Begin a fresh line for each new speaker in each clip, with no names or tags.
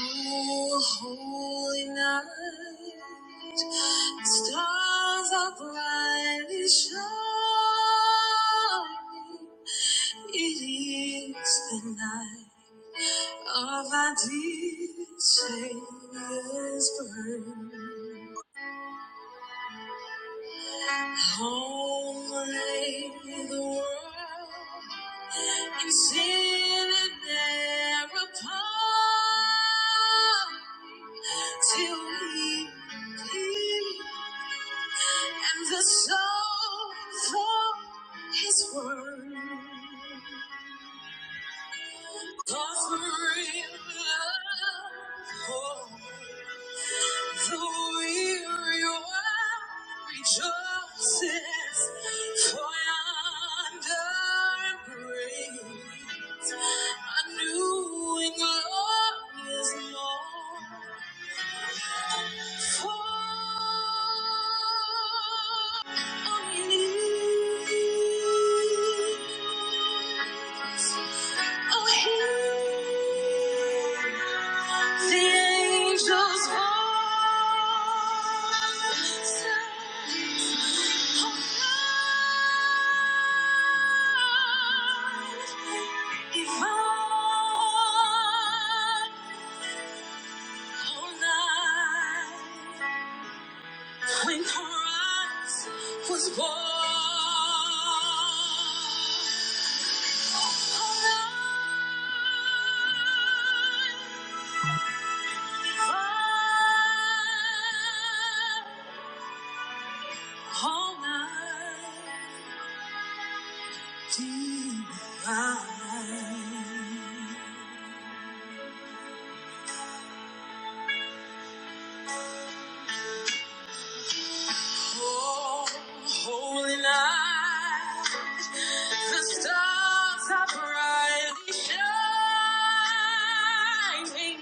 Oh, holy night, stars are brightly shining. It is the night of our dear Savior's birth. Home lay the world and sin and thereupon till he and the soul from his word. Offering love. all the weary one rejoices, for yonder brings a new glory is morn. If I whole life. when Christ was born. All night divine. Oh, holy night, the stars are brightly shining.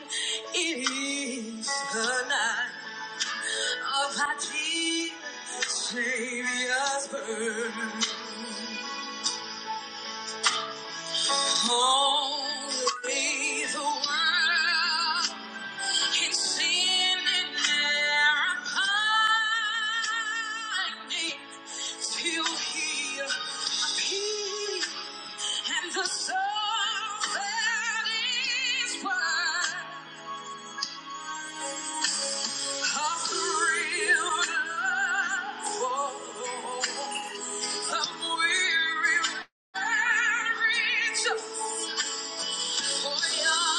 It is the night of our dear Savior's birth. Holy the world It's standing there pining till he appears. And the soul that is wise hath thrilled us. The weary Thank you.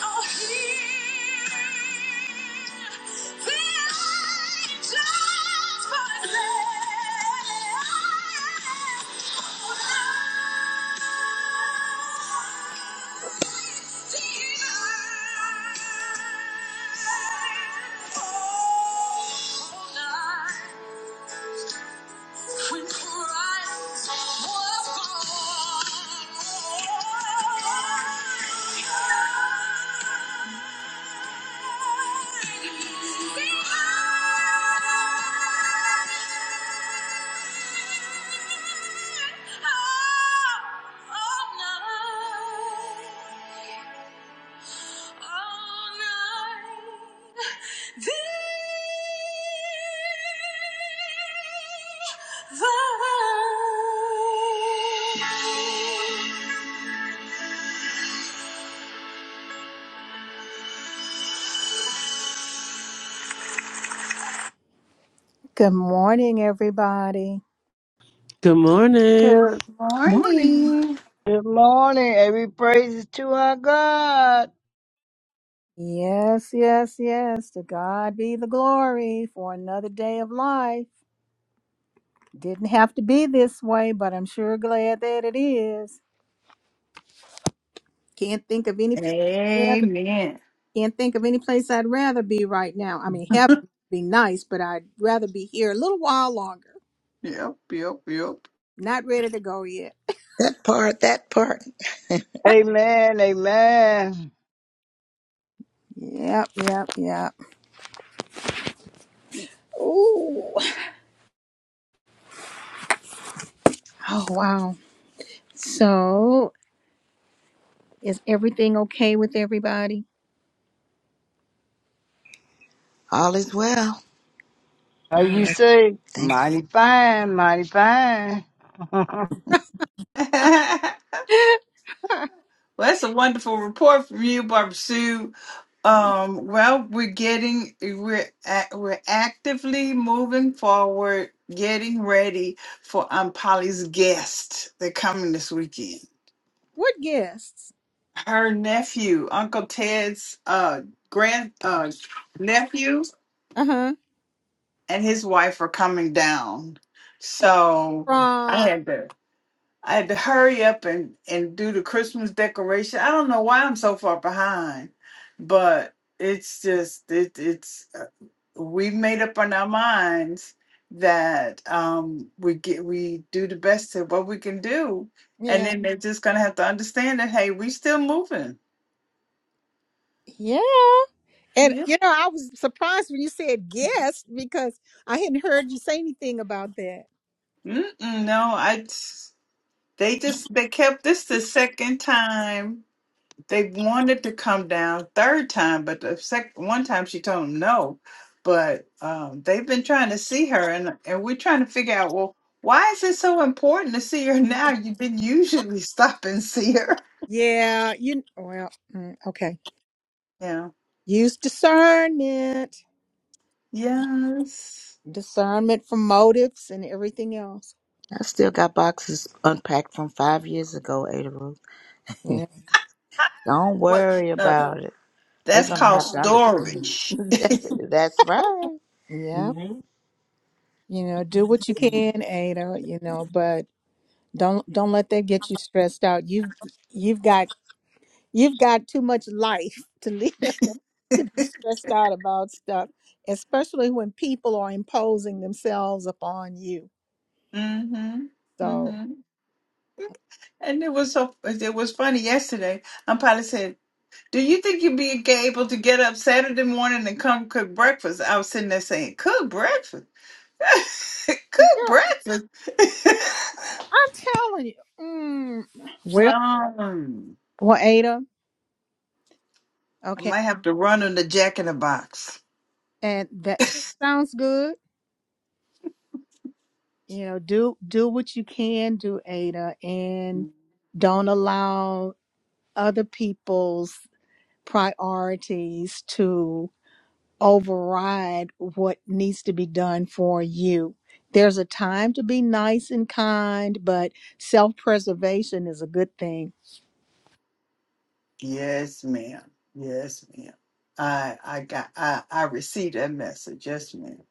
Oh, no. When Christ was born, Good morning, everybody.
Good morning.
Good
Morning.
morning.
Good morning. Every praise is to our God.
Yes, yes, yes. To God be the glory for another day of life. Didn't have to be this way, but I'm sure glad that it is. Can't think of any place.
Amen.
Can't think of any place I'd rather be right now. I mean, heaven would be nice, but I'd rather be here a little while longer.
Yep, yep, yep.
Not ready to go yet.
That part, that part.
Amen. Amen.
Yep, yep, yep. Ooh. Oh, wow. So, is everything okay with everybody?
All is well.
How
Oh,
you say?
Thanks.
Mighty fine. Mighty fine.
well,
that's-
that's a wonderful report from you, Barbara Sue. Um, well, we're getting we're act- we're actively moving forward, getting ready for Aunt Polly's guest. They're coming this weekend.
what guests?
Her nephew, Uncle Ted's uh grand uh nephew,
Uh huh.
and his wife are coming down. So I
From,
had to. I had to hurry up and, and do the Christmas decoration. I don't know why I'm so far behind, but it's just it, it's uh, we've made up on our minds that um we get we do the best of what we can do, and
yeah.
then they're just gonna have to understand that hey, we still moving.
Yeah. And,
Yeah.
you know, I was surprised when you said guest because I hadn't heard you say anything about that.
Mm-mm, no, I. They just they kept this the second time They wanted to come down third time, but the sec- one time she told them no. But um, they've been trying to see her, and and we're trying to figure out, well, why is it so important to see her now? You didn't usually stop and see her.
Yeah. You, well, mm, okay.
Yeah.
Use discernment,
Yes.
discernment for motives and everything else.
I still got boxes unpacked from five years ago, Ada Ruth.
Yeah,
Don't
What?
worry
No,
about it. They're
that's
gonna
called
have to understand.
storage.
That's right.
yeah. You know, do what you
Mm-hmm.
can, Ada. You know, but don't don't let that get you stressed out. You've you've got you've got too much life to live to be stressed out about stuff, especially when people are imposing themselves upon you. So,
Mm-hmm. And it was so it was funny yesterday. I'm probably saying. Do you think you'd be able to get up Saturday morning and come cook breakfast? I was sitting there saying, cook breakfast. cook
girl,
breakfast.
I'm telling you. Mm, well,
Um,
well, Ada.
I
Okay,
might have to run on the jack in the box.
and that sounds good you know do do what you can do ada and don't allow other people's priorities to override what needs to be done for you there's a time to be nice and kind but self-preservation is a good thing
Yes, ma'am. Yes, ma'am. I I got I I received that message. Yes, madam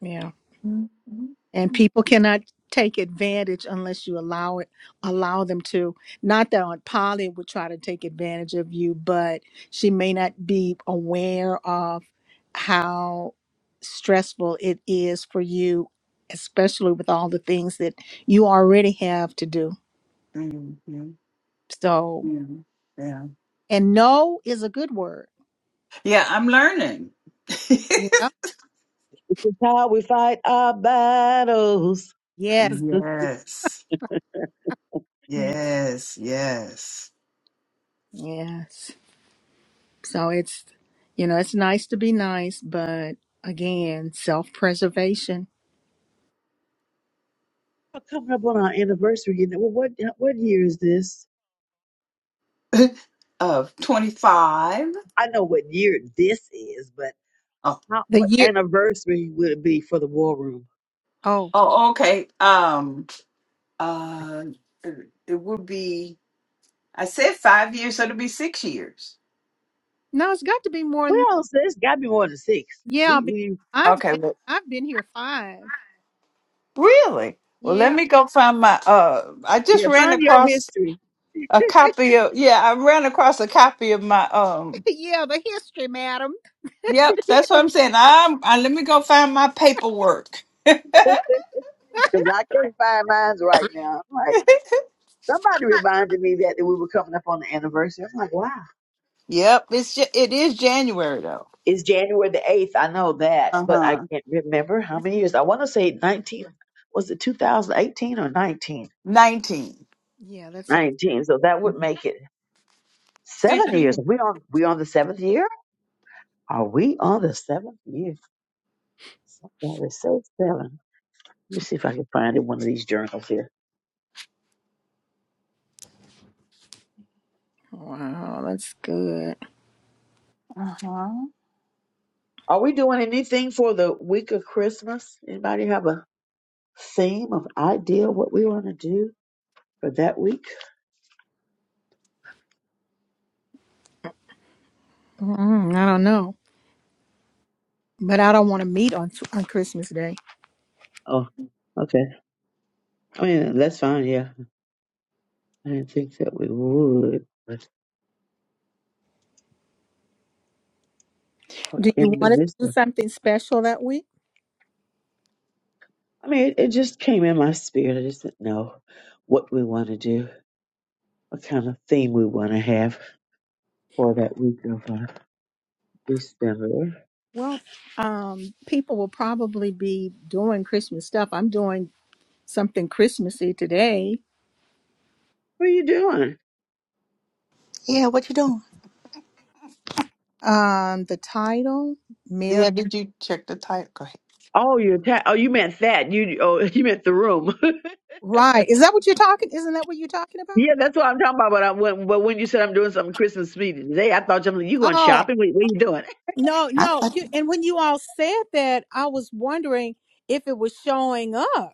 yeah
Mm-hmm.
and people cannot take advantage unless you allow it allow them to not that aunt polly would try to take advantage of you but she may not be aware of how stressful it is for you especially with all the things that you already have to do so
Mm-hmm. Yeah.
and no is a good word
Yeah, I'm learning.
Yeah.
It's how we fight our battles.
yes
Yes.
Mm.
Yes. Yes.
yes so it's you know it's nice to be nice but again self-preservation
We're coming up on our anniversary. And well, what what year is this?
of 25.
I know what year this is, but
Oh,
how,
The
what
year
anniversary would it be for the war room?
Oh
oh, okay. Um, uh, it would be. I said five years, so it'll be six years.
no, it's got to be more. Than that.
Well, so it's got to be more than six.
Yeah,
We
because
we
I've
Okay,
been
well,
I've been here five.
really? Well, let
Yeah,
me go find my uh I just
yeah,
ran
find your
across
history
a copy of yeah, I ran across a copy of my um
yeah, the history, madam.
Yep, that's what I'm saying. I'm I, let me go find my paperwork.
because I can't find mine right now. I'm like somebody reminded me that, that we were coming up on the anniversary. I'm like, wow.
Yep, it's Ja- it is January though.
is January the 8th. I know that, but I
Uh-huh.
can't remember how many years. I want to say 19. Was it 2018 or 19?
19.
Yeah, that's a
19. So that would
Mhm.
make it seven
Six
years.
years.
We on we on the seventh year? Are we on the seventh year? Something say seven. Let me see if I can find it in one of these journals here.
wow. That's good.
Uh-huh.
Are we doing anything for the week of Christmas? Anybody have a theme of idea what we want to do for that week?
Mm, I don't know, but I don't want to meet on on Christmas Day.
Oh, okay. I mean, that's fine. Yeah, I didn't think that we would. Or
Do you
in
want us to do
Melissa.
something special that week?
I mean, it, it just came in my spirit. I just didn't know what we want to do, what kind of theme we want to have for that week of uh, December.
Well, um, people will probably be doing Christmas stuff. I'm doing something Christmassy today.
What are you doing?
Yeah, what you doing?
Um, the title, Mary.
Yeah, did you check the title? Go
Oh, you're ta- oh, you meant that. You oh, you meant the room.
Right? Is that what you're talking? Isn't that what you're talking about?
yeah, that's what I'm talking about. But I when, but when you said I'm doing something Christmas meeting today, I thought something. You going
Oh,
shopping? What, what are you doing?
no,
I
no.
thought
You, and when you all said that, I was wondering if it was showing up.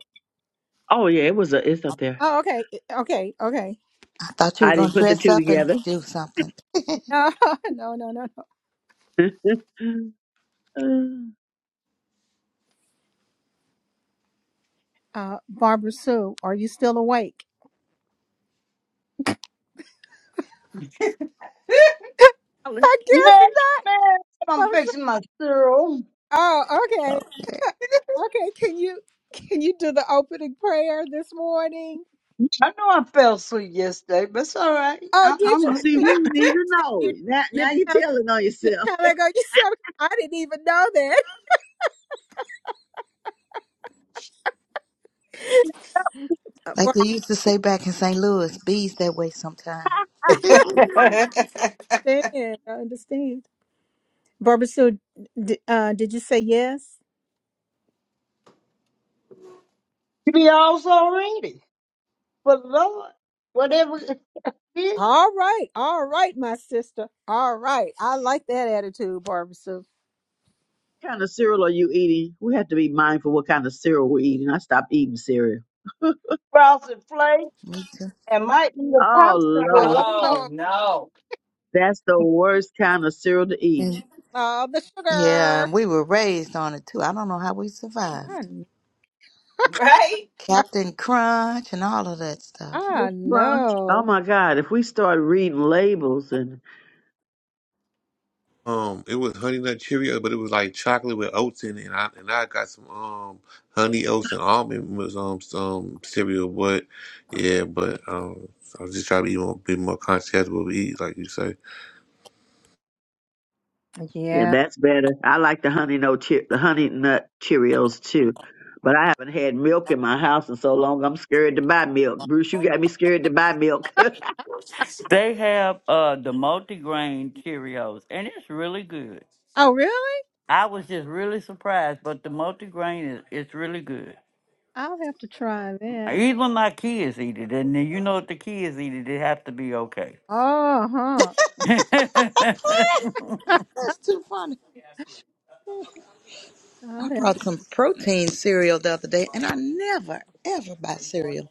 Oh yeah, it was a, it's up there.
Oh, okay. eh, Okay. Okay.
I thought you were
I
gonna
didn't put the
dress
two
up and
together.
do something.
No, no, no, no. no.
uh,
Uh, Barbara Sue, are you still awake?
I
I guess
yes,
not.
man. I'm
Barbara Sue.
fixing my cereal.
Oh, okay.
Okay.
Okay. Can you can you do the opening prayer this morning?
I know I fell asleep yesterday, but it's all right.
Oh,
I-
did
I'm
you?
good.
see,
See,
we
I
wouldn't even
think
know.
you
Now,
you're
now you're
telling
telling on
you're
yourself.
telling on yourself. I didn't even know that.
Like they used to say back in St. Louis, bees that way sometimes. Me
ahead.
I understand. I understand. Barbara Sue, d- uh, did you say yes?
You be all already. But Lord, whatever it is,
All right, all right, my sister. All right, I like that attitude, Barbara Sue.
What kind of cereal are you eating? We have to be mindful what kind of cereal we're eating. I stopped eating cereal.
frosted flakes,
too.
and might be a
Oh
popsicle
Oh,
Lord,
later.
Oh no.
that's the worst kind of cereal to eat.
And
oh, the
yeah,
sugar.
and we were raised on it too. I don't know how we
I,
survived.
kn-
Right?
Captain Crunch and all of that stuff.
I
Fruit Crunch. Oh
know.
my God! If we start reading labels, and
Um, it was honey nut Cheerio, but it was like chocolate with oats in it. And I and I got some um honey oats and almond was um some cereal, but yeah, but um I was just trying to be more, be more conscious of what we eat, like you say.
yeah,
Yeah.
that's better. I like the honey no cheer, the honey nut Cheerios too, but I haven't had milk in my house in so long. I'm scared to buy milk. Bruce, you got me scared to buy milk.
They have uh the multi-grain Cheerios, and it's really good.
Oh, really?
I was just really surprised, but the multi-grain is it's really good.
I'll have to try that.
Even my kids eat it, and then you know if the kids eat it, it have to be okay.
Oh, huh.
That's too funny. I
I'll have
brought
to.
some protein cereal the other day, and I never ever buy cereal,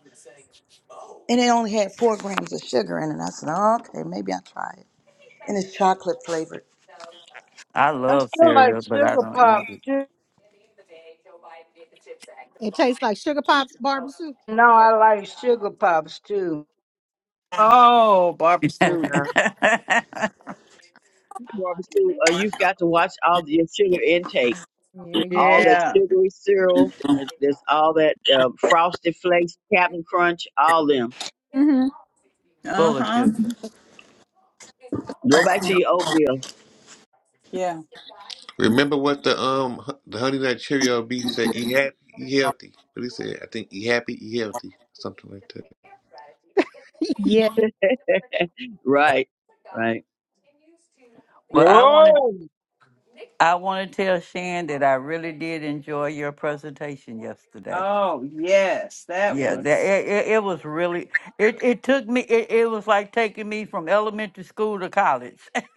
and it only had four grams of sugar in it. I said, oh, okay, maybe I'll try it. And it's chocolate flavored.
I
I
love
still like
cereal, but I
sugar
don't eat
pops too.
It tastes like sugar pops, Barbara Sue.
No, I like sugar pops too.
Oh, Barbara
it.
Sue.
Yeah.
Barbara Sue, uh, you've got to watch all the, your sugar intake
Yeah, you.
all that
Yeah.
sugary cereal, uh, there's all that uh, frosted flakes, Captain Crunch, all them.
hmm
Uh
Full of
huh.
sugar.
Go back to your oatmeal.
Yeah.
Remember what the um hu- the honey nut Cheerio B said? Eat happy, eat healthy. What he said? I think eat happy, eat healthy, something like that.
Right, right.
Well, I want to
Glory.
I want to tell Shan that I really did enjoy your presentation yesterday.
Oh yes, that
Yeah, that
was
it, it, it was really it, it took me it, it was like taking me from elementary school to college.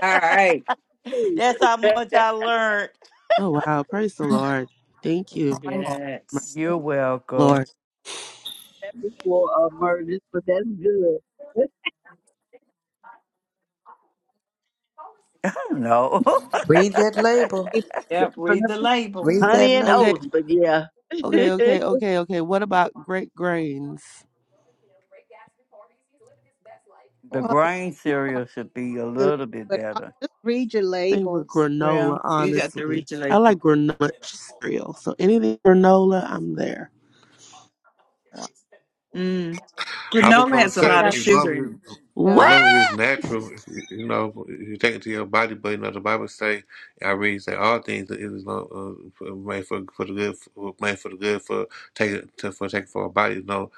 All right.
That's how much I learned.
Oh wow, praise the Lord. Thank you, my
yes.
You're welcome.
Lord.
That Before uh, murders, but that's good. That's
no.
Read that label.
label.
Yep,
Honey
read the label.
Read that
honey and
Okay,
label.
oats, but yeah.
okay, okay, okay, okay. What about great grains?
the
Well, the
grain
green part
cereal should be a
good,
little bit
but i
better.
just read your
I think with
labels.
Well,
granola,
you got to read
honestly.
the
I like
label.
granola cereal. So anything granola, I'm there.
Mm.
I was
Granola
gonna
has a
say,
lot of
got,
as
sugar in
long
it.
as,
What?
as
uh,
long as it's natural, you know, if you take it to your body. But you know, the Bible say, I read say all things it is long, uh, made for for the good, for, made for the good for taking to, for taking for our body. You know,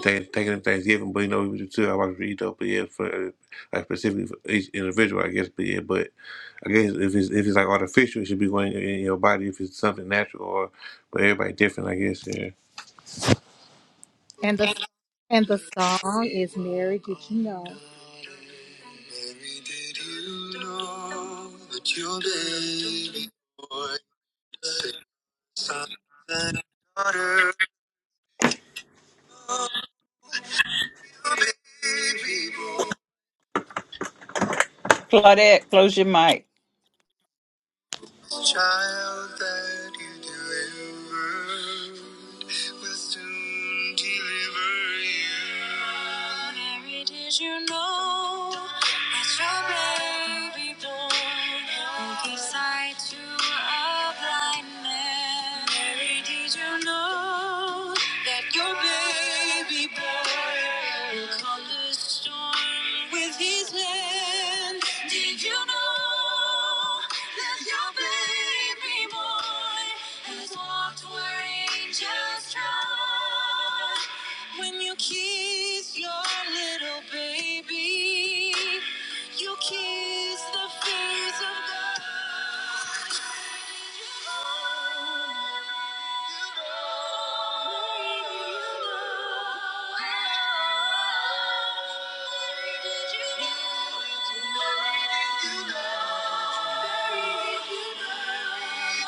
taking taking in Thanksgiving, but you know, we do too. I want to eat though, but yeah, for uh, like specifically for each individual, I guess. But yeah, but I guess if it's if it's like artificial, it should be going in your body if it's something natural. Or but everybody different, I guess. yeah.
and the and the song is "Mary, Did You Know." Mary, did you know that your baby boy, six sons and daughter, your baby boy?
Claudette, close your mic.
Child that you delivered will soon deliver you. Mary, did you know that your baby boy will give sight to a blind man? Mary, did you know that your baby boy Called the Did you know that your baby boy has walked where angels trod? When you kiss your little baby, you kiss the face of God.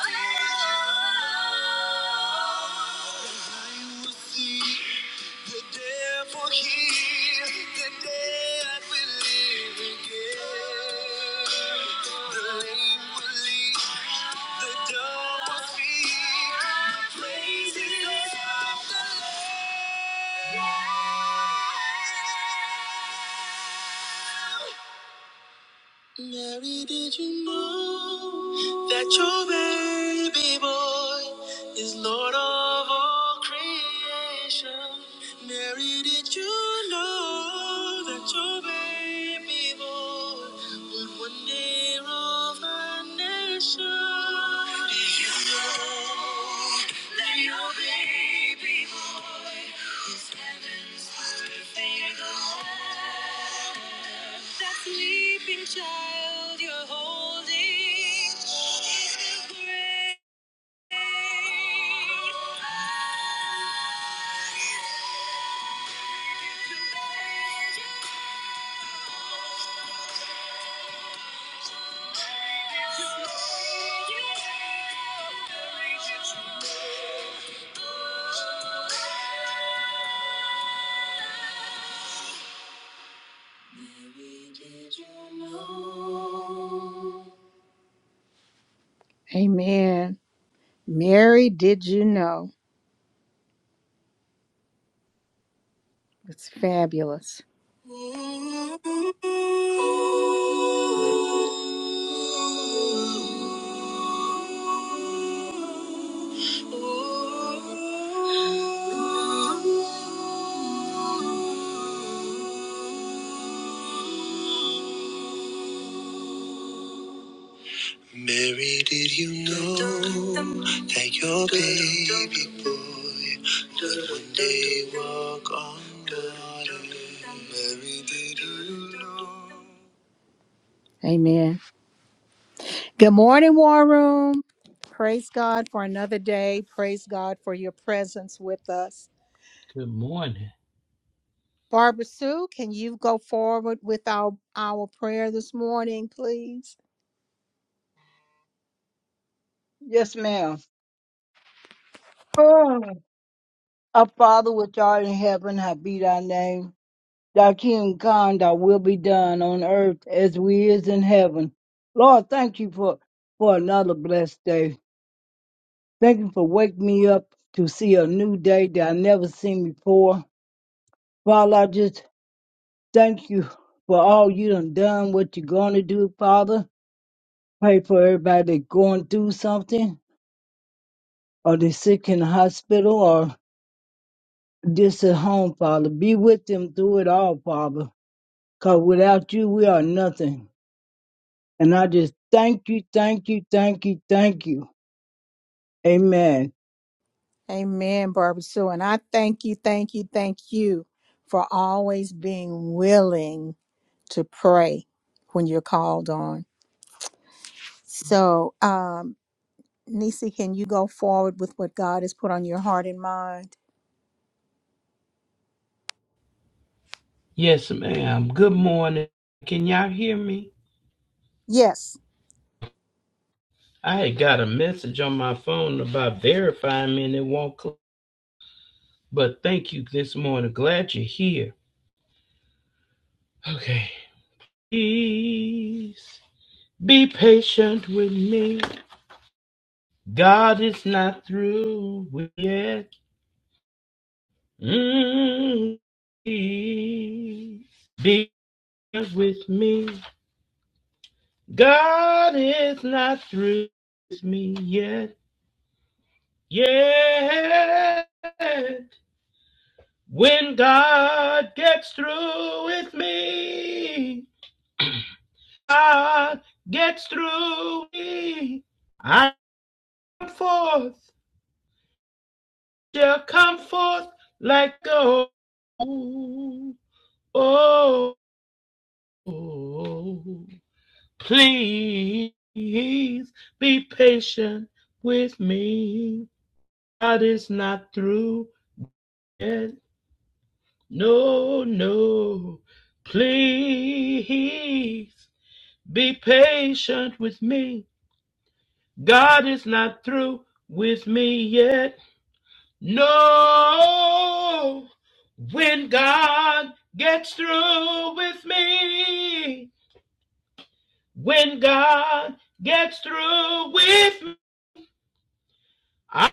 Yeah. Mary, did you know that your baby boy is Lord of all creation? Mary, did you know that your baby boy would one day rule the nation? Did you know? Let your baby boy, who's heaven's perfect love, that sleeping child you're holding is the great. Amen. Mary, did you know? It's fabulous. Mary, did you know that your baby boy would one day walk on water? Mary, did- Amen. Good morning, War Room. Praise God for another day. Praise God for your presence with us.
Good morning.
Barbara Sue, can you go forward with our, our prayer this morning, please?
Yes, ma'am. Oh, Our Father which art in heaven, hallowed be thy name. Thy kingdom come, thy will be done on earth as we is in heaven. Lord, thank you for, for another blessed day. Thank you for waking me up to see a new day that I never seen before. Father, I just thank you for all you done done, what you're going to do, Father. Pray for everybody that going through something or they sick in the hospital just at home, Father. Be with them through it all, Father. Because without you, we are nothing. And I just thank you, thank you, thank you, thank you. Amen.
Amen, Barbara Sue. And I thank you, thank you, thank you for always being willing to pray when you're called on. So, um, Nisi, can you go forward with what God has put on your heart and mind?
Yes, ma'am. Good morning. Can y'all hear me?
Yes,
I had got a message on my phone about verifying me and it won't cl- but thank you this morning. Glad you're here. Okay. Please be patient with me. God is not through with yet. Mm, please be with me. God is not through with me yet. Yet, when God gets through with me, God gets through me. I come forth, shall come forth like gold. Oh, oh, please be patient with me. God is not through yet. No, no, please be patient with me. God is not through with me yet. No, when God gets through with me, when God gets through with me, I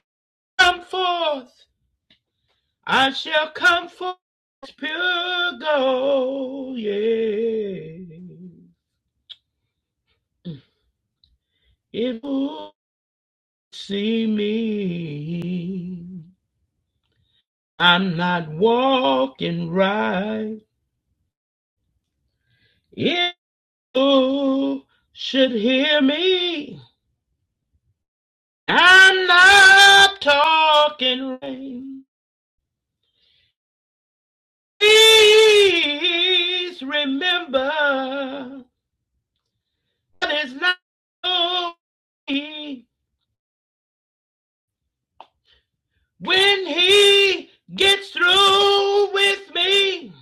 come forth, I shall come forth as pure gold. Yeah. It will see me. I'm not walking right. If you should hear me, I'm not talking right. Please remember, that it's not me. When he gets through with me,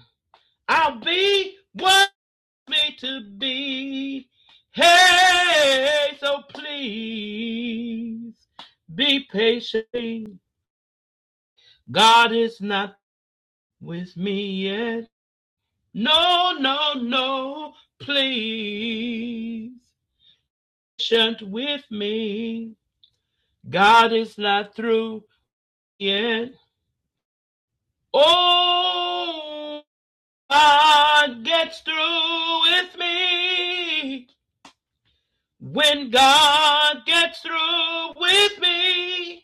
I'll be what. meant to be. Hey, so please be patient. God is not with me yet. No, no, no, please. Patient with me. God is not through yet. Oh, God gets through with me. When God gets through with me,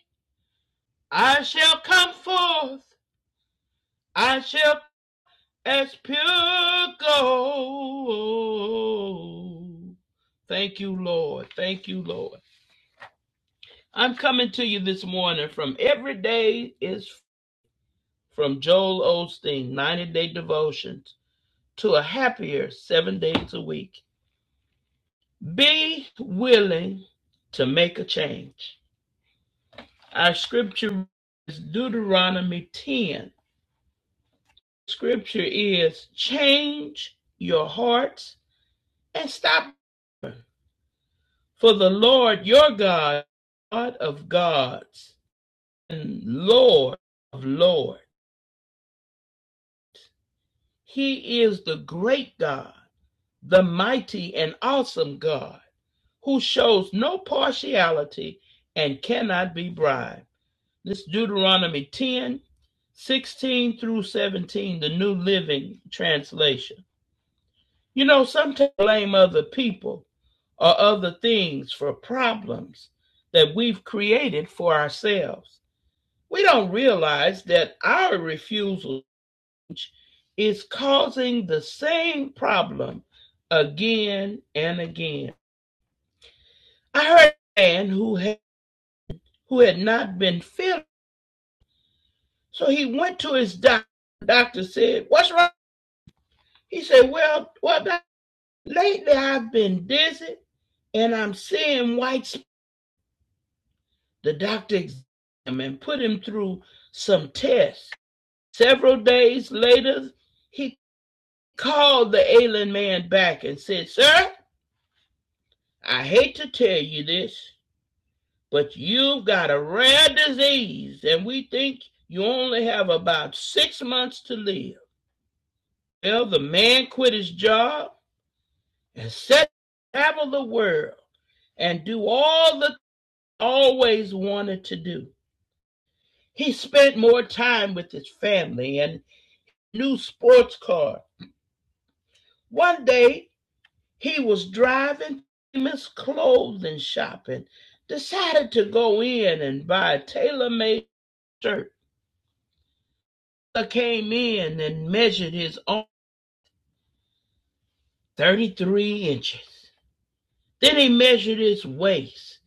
I shall come forth, I shall as pure gold. Thank you, Lord. Thank you, Lord. I'm coming to you this morning from every day is from Joel Osteen, 90 day devotions to a happier seven days a week. Be willing to make a change. Our scripture is Deuteronomy 10. scripture is change your hearts and stop. her. For the Lord your God, God of gods and Lord of lords, he is the great God, the mighty and awesome God, who shows no partiality and cannot be bribed. This Deuteronomy 10 16 through 17, the New Living Translation. You know, sometimes we blame other people or other things for problems that we've created for ourselves. We don't realize that our refusal is causing the same problem again and again. I heard a man who had, who had not been feeling, so he went to his doctor. The Doctor said, "What's wrong?" He said, "Well, well, lately I've been dizzy, and I'm seeing white The doctor examined him and put him through some tests. Several days later, he called the ailing man back and said, Sir, I hate to tell you this, but you've got a rare disease, and we think you only have about six months to live. Well, the man quit his job and set to travel the world and do all the always wanted to do. He spent more time with his family and new sports car. One day, he was driving famous clothing shopping, decided to go in and buy a tailor-made shirt. I came in and measured his own 33 inches. Then he measured his waist.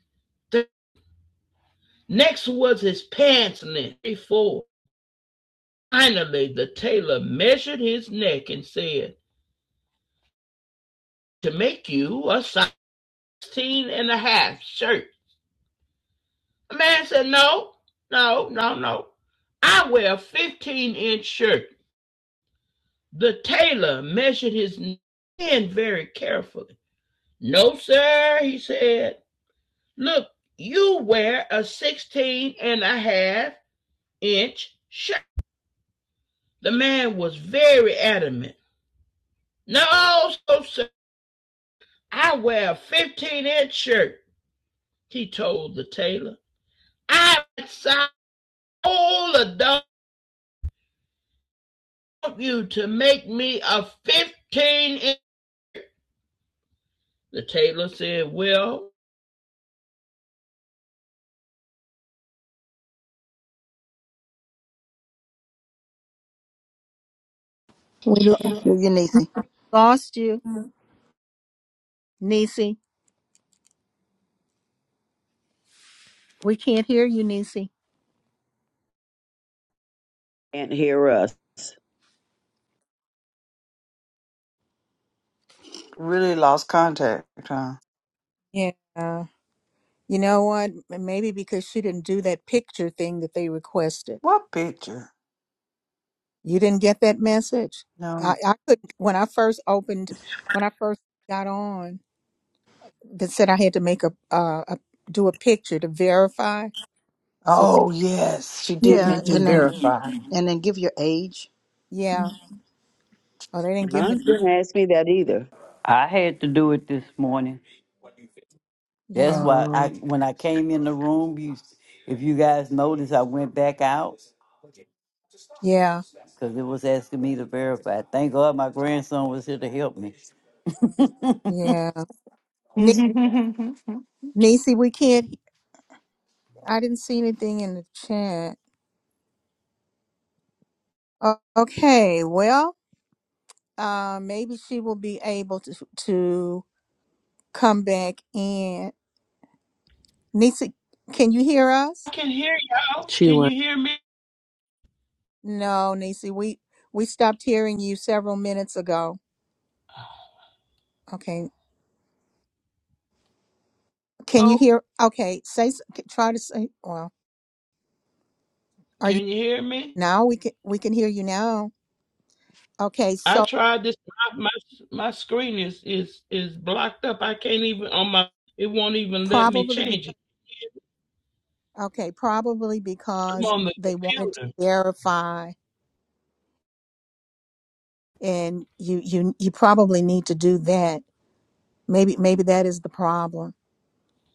next was his pants length, 34. Finally, the tailor measured his neck and said, to make you a 16 and a half shirt. The man said, No, no, no, no. I wear a 15 inch shirt. The tailor measured his hand very carefully. No, sir, he said. Look, you wear a 16 and a half inch shirt. The man was very adamant. No, so, sir, I wear a 15 inch shirt, he told the tailor. I sold a dog you to make me a 15 inch The tailor said, Well,
we lo-
Do your niece.
lost you, Nisi. We can't hear you, Nisi.
Can't hear us.
Really lost contact, huh?
Yeah. You know what? M- Maybe because she didn't do that picture thing that they requested.
What picture?
You didn't get that message. I,
No.
I couldn't when I first opened when I first got on. That said, I had to make a, uh, a do a picture to verify. So
Oh, yes. She did
Yeah, and
mention
then
verify.
and then give your age.
yeah, oh they didn't give me.
Mine didn't ask me that either.
I had to do it this morning. That's
Yeah,
why I
Oh.
when I came in the room, you if you guys notice I went back out
yeah,
because it was asking me to verify. Thank God my grandson was here to help me.
yeah. Ni- Nisi, we can't. I didn't see anything in the chat. O- okay, well, uh, maybe she will be able to to come back in. Nisi, can you hear us?
I can hear y'all.
She
Can you
went.
hear me?
No, Nisi, we we stopped hearing you several minutes ago. Okay, can
Oh,
you hear? Okay, say s- c- try to say. Well, are
can
you
you hear me?
now? We can we can hear you now. Okay,
I
so
tried this. My, my, my screen is, is, is blocked up. I can't even, on my, it won't even let me
probably be
change it.
okay. Probably
I'm
because
on the
they wanted to
computer.
verify, and you you you probably need to do that. Maybe maybe that is the problem.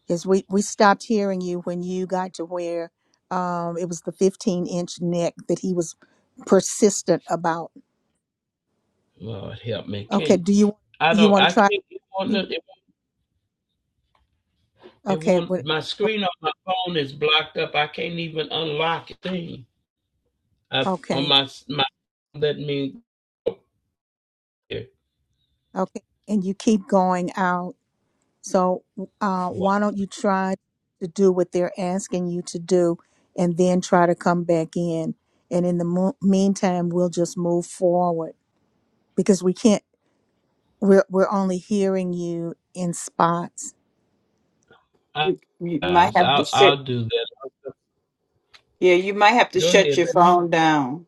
Is we we stopped hearing you when you got to where um it was the 15 inch neck that he was persistent about
Lord help me.
Okay,
Can
do you
I
you
don't,
want
I
to try?
can't, it won't,
You
it, it
okay?
won't,
What?
my
o-
screen on my phone is blocked up. I can't even unlock the thing. I, on
Okay,
my, my, let me, oh, here.
okay, and you keep going out. So, uh,
Wow.
why don't you try to do what they're asking you to do, and then try to come back in. And in the mo- meantime, we'll just move forward because we can't. We're we're only hearing you in spots.
You, you might
guys,
have to
I'll,
shut.
I'll do that.
Yeah, you might have to
Go
shut
ahead,
your phone down.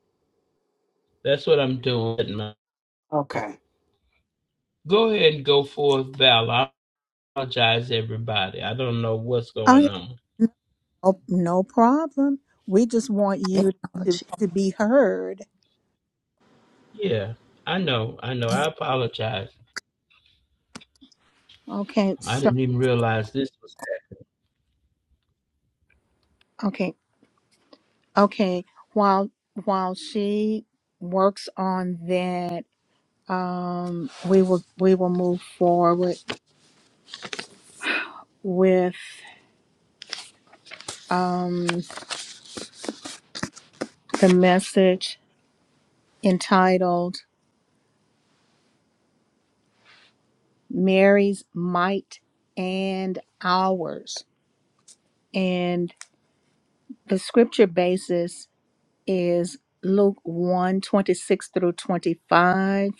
That's what I'm doing.
Okay.
Go ahead and go forth, Val. I apologize, everybody. I don't know what's
Uh,
going on.
no, no problem. We just want you to
Technology.
to be heard.
Yeah, I know. I know. I apologize.
Okay,
I
so
didn't even realize this was.
okay. Okay, while while she works on that, um, we will we will move forward with um, the message entitled "Mary's Might and Ours," and the scripture basis is Luke one twenty six through twenty five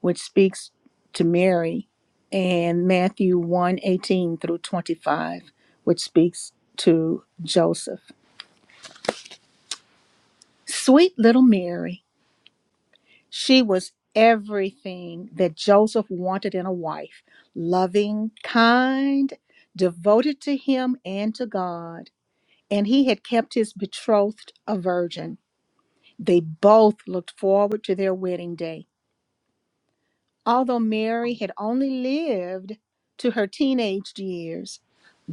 which speaks to Mary, and Matthew one eighteen through 25, which speaks to Joseph. Sweet little Mary, she was everything that Joseph wanted in a wife loving, kind, devoted to him and to God. And he had kept his betrothed a virgin. They both looked forward to their wedding day Although Mary had only lived to her teenage years,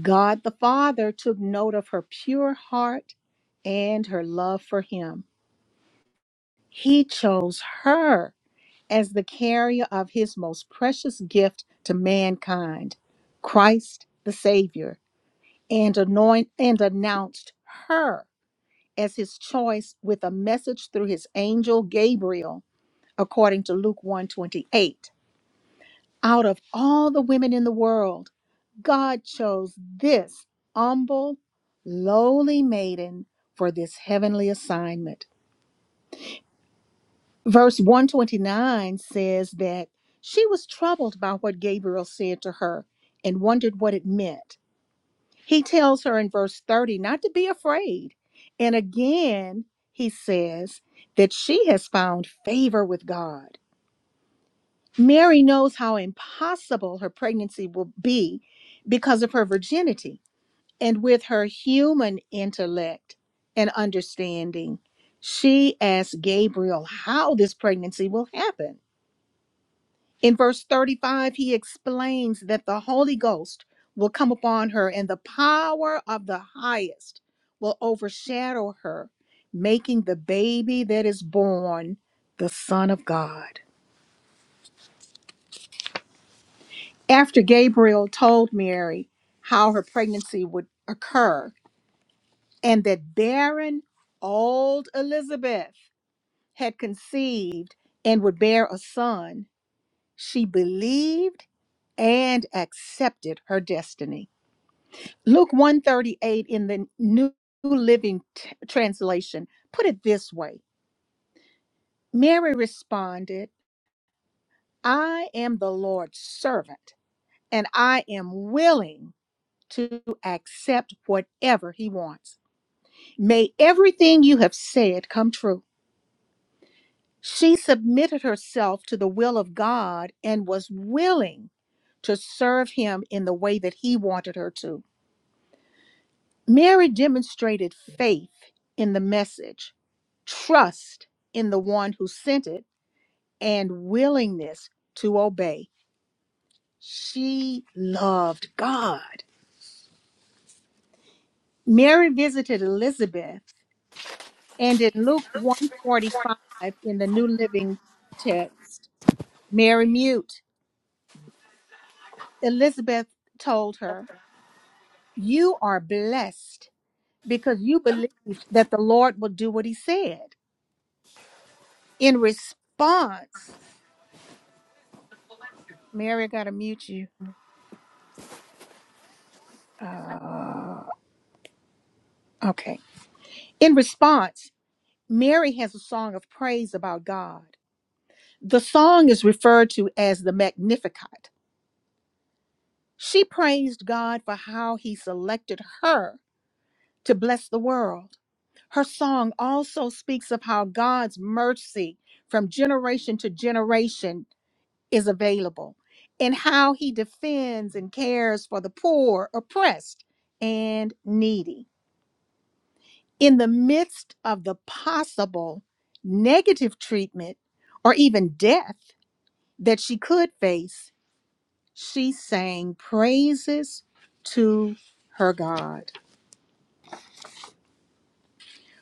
God the Father took note of her pure heart and her love for Him. He chose her as the carrier of His most precious gift to mankind, Christ the Savior, and anoint and announced her as His choice with a message through His angel Gabriel, according to Luke one twenty-eight. Out of all the women in the world, God chose this humble, lowly maiden for this heavenly assignment. Verse 129 says that she was troubled by what Gabriel said to her and wondered what it meant. He tells her in verse 30 not to be afraid. And again, he says that she has found favor with God. Mary knows how impossible her pregnancy will be because of her virginity. And with her human intellect and understanding, she asks Gabriel how this pregnancy will happen. In verse 35, he explains that the Holy Ghost will come upon her and the power of the highest will overshadow her, making the baby that is born the Son of God. After Gabriel told Mary how her pregnancy would occur and that barren old Elizabeth had conceived and would bear a son, she believed and accepted her destiny. Luke 138 in the New Living T- Translation put it this way. Mary responded, "I am the Lord's servant, and I am willing to accept whatever he wants. May everything you have said come true. She submitted herself to the will of God and was willing to serve him in the way that he wanted her to. Mary demonstrated faith in the message, trust in the one who sent it, and willingness to obey. She loved God. Mary visited Elizabeth And in Luke 145 in the New Living Text, Mary Mute, Elizabeth told her, You are blessed because you believed that the Lord will do what he said. In response, Mary, I gotta mute you. Uh, okay. In response, Mary has a song of praise about God. The song is referred to as the Magnificat. She praised God for how he selected her to bless the world. Her song also speaks of how God's mercy from generation to generation is available and how he defends and cares for the poor, oppressed, and needy. In the midst of the possible negative treatment or even death that she could face, she sang praises to her God.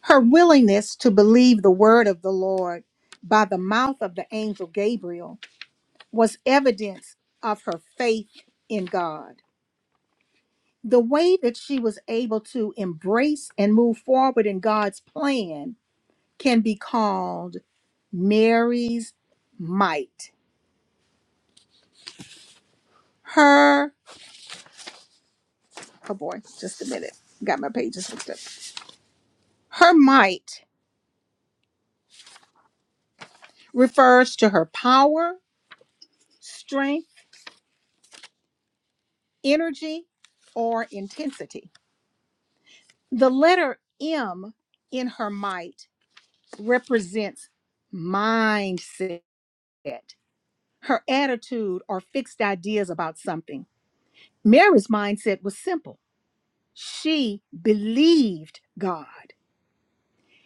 Her willingness to believe the word of the Lord by the mouth of the angel Gabriel was evidence of her faith in God. The way that she was able to embrace and move forward in God's plan can be called Mary's might. Her, oh boy, just a minute. Got my pages mixed up. Her might refers to her power, strength, energy, or intensity. The letter M in her might represents mindset, her attitude or fixed ideas about something. Mary's mindset was simple. She believed God.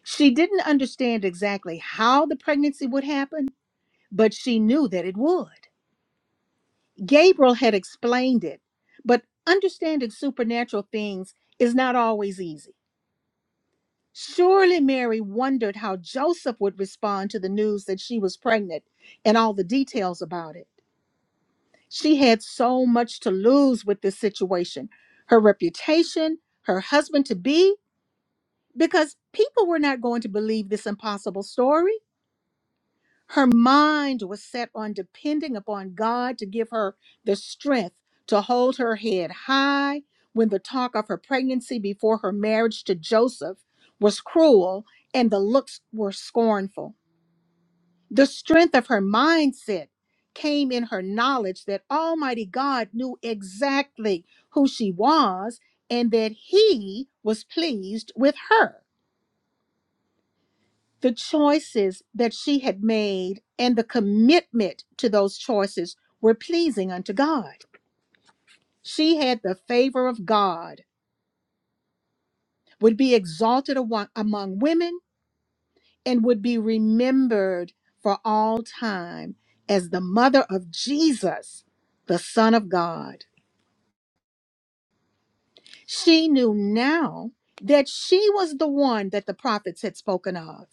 She didn't understand exactly how the pregnancy would happen, but she knew that it would. Gabriel had explained it, but understanding supernatural things is not always easy. Surely Mary wondered how Joseph would respond to the news that she was pregnant and all the details about it. She had so much to lose with this situation her reputation, her husband to be, because people were not going to believe this impossible story. Her mind was set on depending upon God to give her the strength to hold her head high when the talk of her pregnancy before her marriage to Joseph was cruel and the looks were scornful. The strength of her mindset came in her knowledge that Almighty God knew exactly who she was and that He was pleased with her the choices that she had made and the commitment to those choices were pleasing unto God. She had the favor of God, would be exalted awa- among women, and would be remembered for all time as the mother of Jesus, the Son of God. She knew now that she was the one that the prophets had spoken of.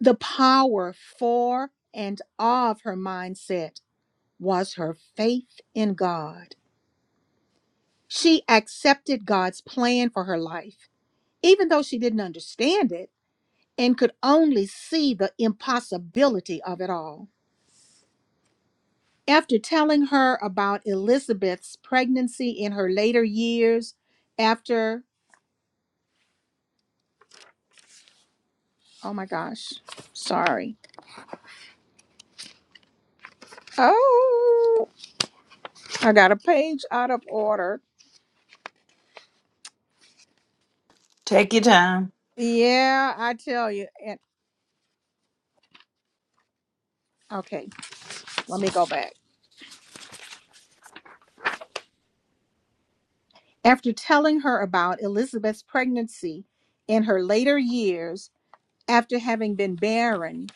The power for and of her mindset was her faith in God. She accepted God's plan for her life, even though she didn't understand it and could only see the impossibility of it all. After telling her about Elizabeth's pregnancy in her later years, after, oh my gosh, sorry. Oh, I got a page out of order.
Take your time.
Yeah, I tell you. And okay, let me go back. After telling her about Elizabeth's pregnancy in her later years, after having been barren,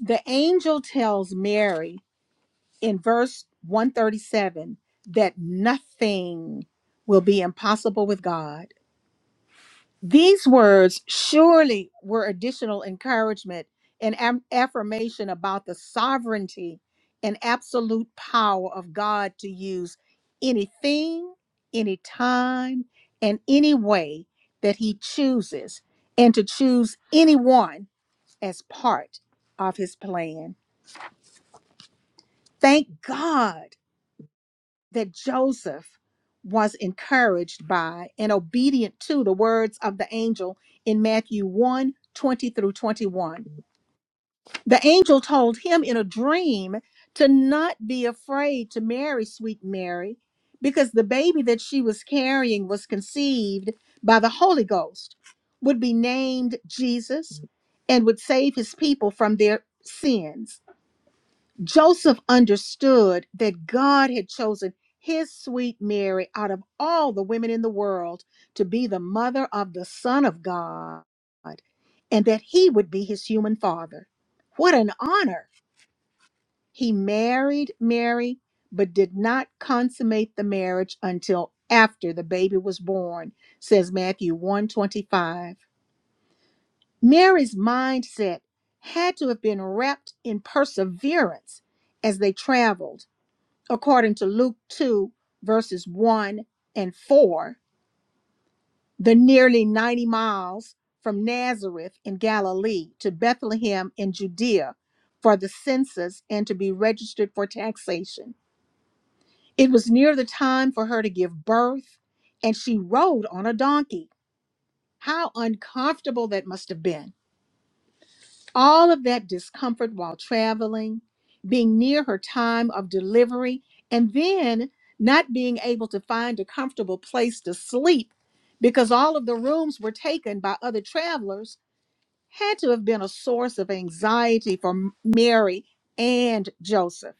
the angel tells Mary in verse 137 that nothing will be impossible with God. These words surely were additional encouragement and am- affirmation about the sovereignty and absolute power of God to use anything, any time, and any way that He chooses, and to choose anyone as part of His plan. Thank God that Joseph was encouraged by and obedient to the words of the angel in Matthew one 20 through 21. The angel told him in a dream to not be afraid to marry sweet Mary because the baby that she was carrying was conceived by the Holy Ghost, would be named Jesus, and would save his people from their sins. Joseph understood that God had chosen his sweet Mary out of all the women in the world to be the mother of the Son of God and that he would be his human father. What an honor! He married Mary, but did not consummate the marriage until after the baby was born, says Matthew 125. Mary's mindset had to have been wrapped in perseverance as they traveled according to Luke 2, verses 1 and 4, the nearly 90 miles from Nazareth in Galilee to Bethlehem in Judea for the census and to be registered for taxation. It was near the time for her to give birth, and she rode on a donkey. How uncomfortable that must have been. All of that discomfort while traveling, being near her time of delivery, and then not being able to find a comfortable place to sleep because all of the rooms were taken by other travelers had to have been a source of anxiety for M- Mary and Joseph.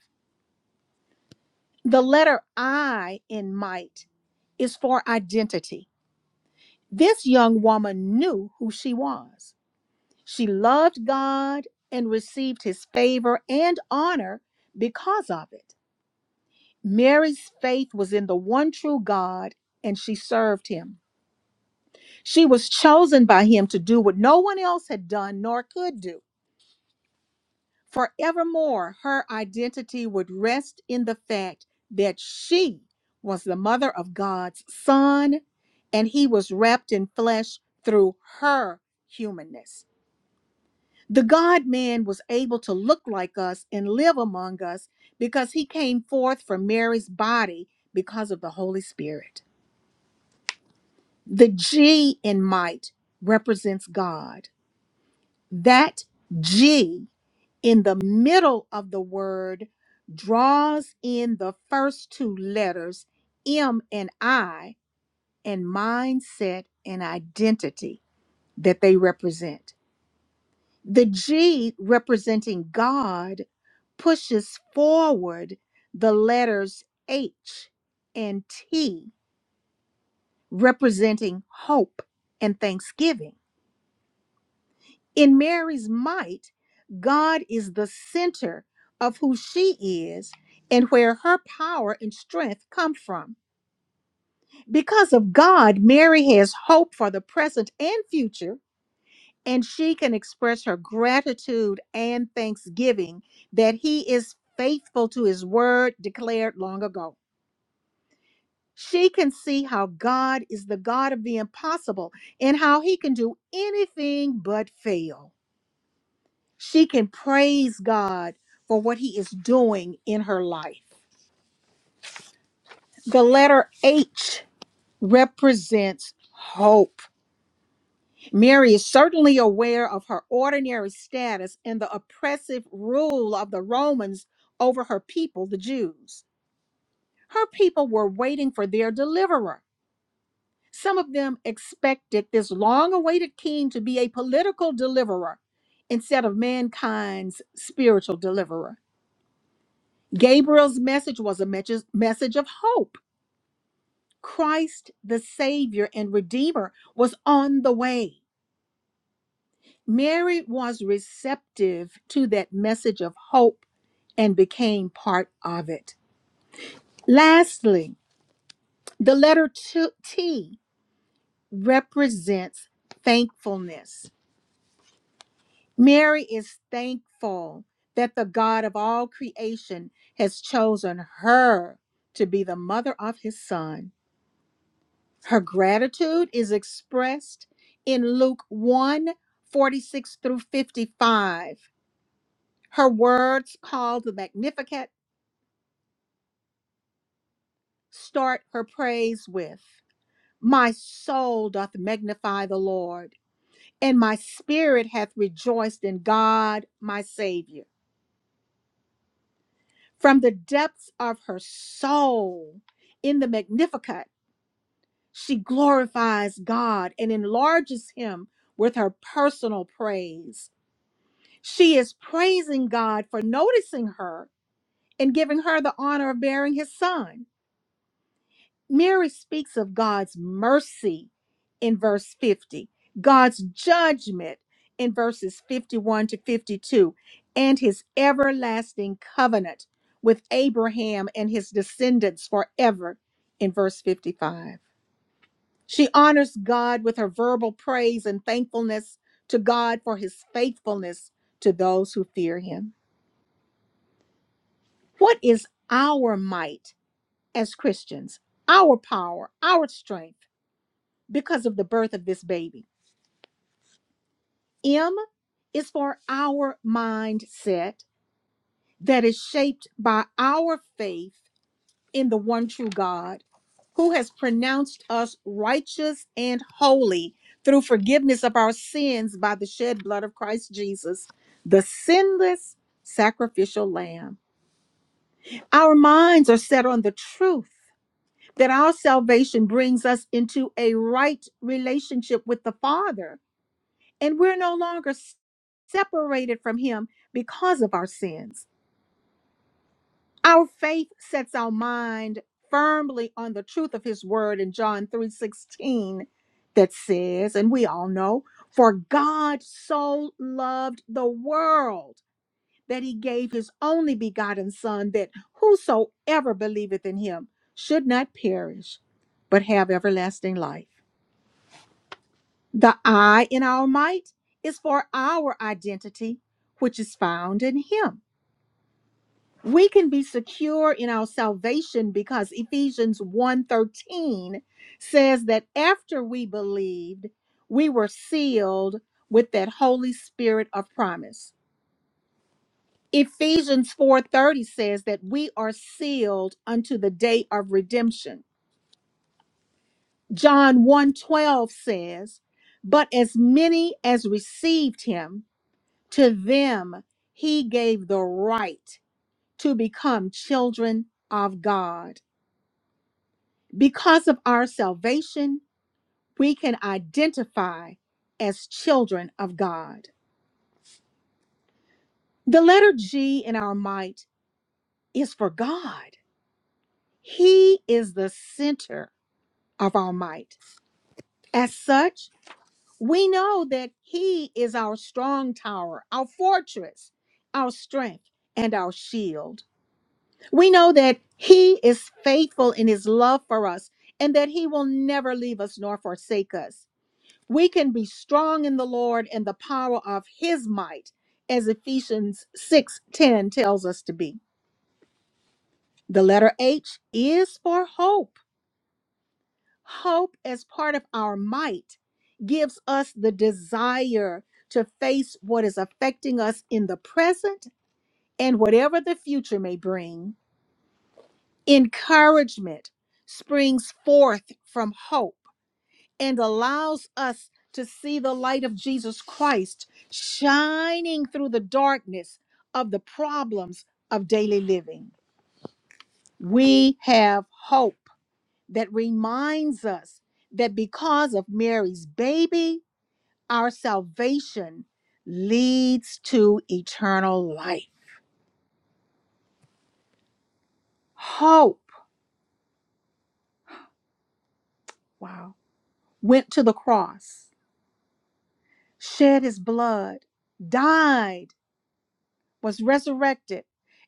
The letter I in might is for identity. This young woman knew who she was. She loved God and received his favor and honor because of it. Mary's faith was in the one true God and she served him. She was chosen by him to do what no one else had done nor could do. Forevermore, her identity would rest in the fact that she was the mother of God's son and he was wrapped in flesh through her humanness. The God man was able to look like us and live among us because he came forth from Mary's body because of the Holy Spirit. The G in might represents God. That G in the middle of the word draws in the first two letters, M and I, and mindset and identity that they represent. The G representing God pushes forward the letters H and T representing hope and thanksgiving. In Mary's might, God is the center of who she is and where her power and strength come from. Because of God, Mary has hope for the present and future and she can express her gratitude and thanksgiving that he is faithful to his word declared long ago. She can see how God is the God of the impossible and how he can do anything but fail. She can praise God for what he is doing in her life. The letter H represents hope. Mary is certainly aware of her ordinary status and the oppressive rule of the Romans over her people, the Jews. Her people were waiting for their deliverer. Some of them expected this long awaited king to be a political deliverer instead of mankind's spiritual deliverer. Gabriel's message was a message message of hope. Christ, the Savior and Redeemer, was on the way. Mary was receptive to that message of hope and became part of it. Lastly, the letter to- T represents thankfulness. Mary is thankful that the God of all creation has chosen her to be the mother of his son. Her gratitude is expressed in Luke one 46 through 55. Her words called the Magnificat start her praise with My soul doth magnify the Lord, and my spirit hath rejoiced in God my Savior. From the depths of her soul, in the Magnificat, she glorifies God and enlarges him with her personal praise. She is praising God for noticing her and giving her the honor of bearing his son. Mary speaks of God's mercy in verse 50, God's judgment in verses 51 to 52, and his everlasting covenant with Abraham and his descendants forever in verse 55. She honors God with her verbal praise and thankfulness to God for his faithfulness to those who fear him. What is our might as Christians, our power, our strength? because of the birth of this baby. M is for our mindset that is shaped by our faith in the one true God who has pronounced us righteous and holy through forgiveness of our sins by the shed blood of Christ Jesus, the sinless sacrificial lamb. Our minds are set on the truth that our salvation brings us into a right relationship with the Father and we're no longer separated from him because of our sins. Our faith sets our mind firmly on the truth of his word in John 3:16 that says, and we all know, for God so loved the world that he gave his only begotten son that whosoever believeth in him should not perish but have everlasting life. The I in our might is for our identity, which is found in him. We can be secure in our salvation because Ephesians one thirteen says that after we believed, we were sealed with that Holy Spirit of promise. Ephesians 4:30 says that we are sealed unto the day of redemption. John one twelve says, "But as many as received him, To them he gave the right to become children of God. Because of our salvation, we can identify as children of God. The letter G in our might is for God. He is the center of our might. As such, we know that He is our strong tower, our fortress, our strength, and our shield. We know that He is faithful in His love for us and that He will never leave us nor forsake us. We can be strong in the Lord and the power of His might, as Ephesians 6 10 tells us to be. The letter H is for hope. Hope, as part of our might, gives us the desire to face what is affecting us in the present and whatever the future may bring. Encouragement springs forth from hope and allows us to see the light of Jesus Christ shining through the darkness of the problems of daily living. We have hope that reminds us that because of Mary's baby, our salvation leads to eternal life. Hope, wow, went to the cross shed his blood, died, was resurrected,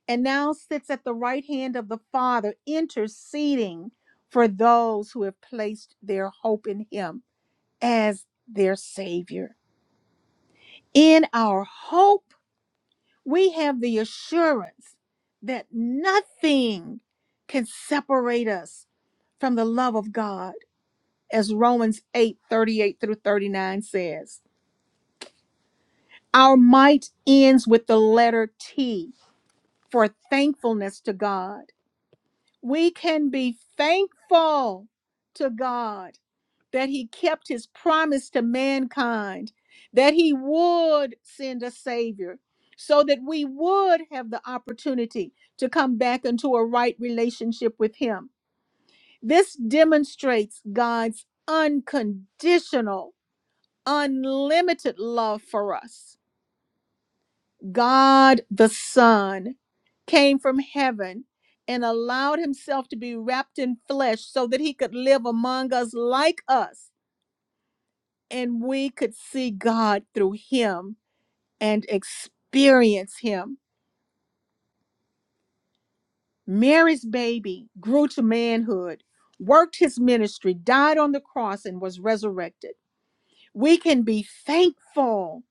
and now sits at the right hand of the Father, interceding for those who have placed their hope in him as their Savior. In our hope, we have the assurance that nothing can separate us from the love of God, as Romans 8:38 through 39 says. Our might ends with the letter T for thankfulness to God. We can be thankful to God that He kept His promise to mankind, that He would send a Savior, so that we would have the opportunity to come back into a right relationship with Him. This demonstrates God's unconditional, unlimited love for us God the Son came from heaven and allowed himself to be wrapped in flesh so that he could live among us like us and we could see God through him and experience him. Mary's baby grew to manhood, worked his ministry, died on the cross, and was resurrected. We can be thankful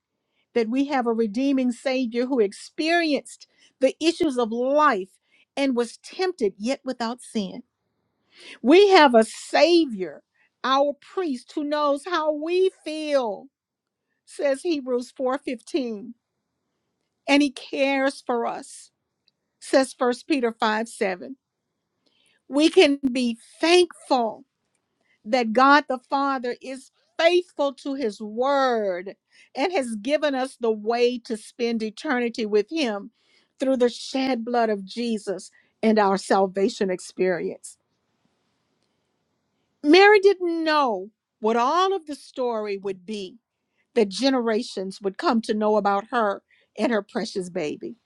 that we have a redeeming Savior who experienced the issues of life and was tempted yet without sin. We have a Savior, our priest, who knows how we feel, says Hebrews 4:15, and he cares for us, says 1 Peter 5 7. We can be thankful that God the Father is faithful to his word and has given us the way to spend eternity with him through the shed blood of Jesus and our salvation experience. Mary didn't know what all of the story would be that generations would come to know about her and her precious baby.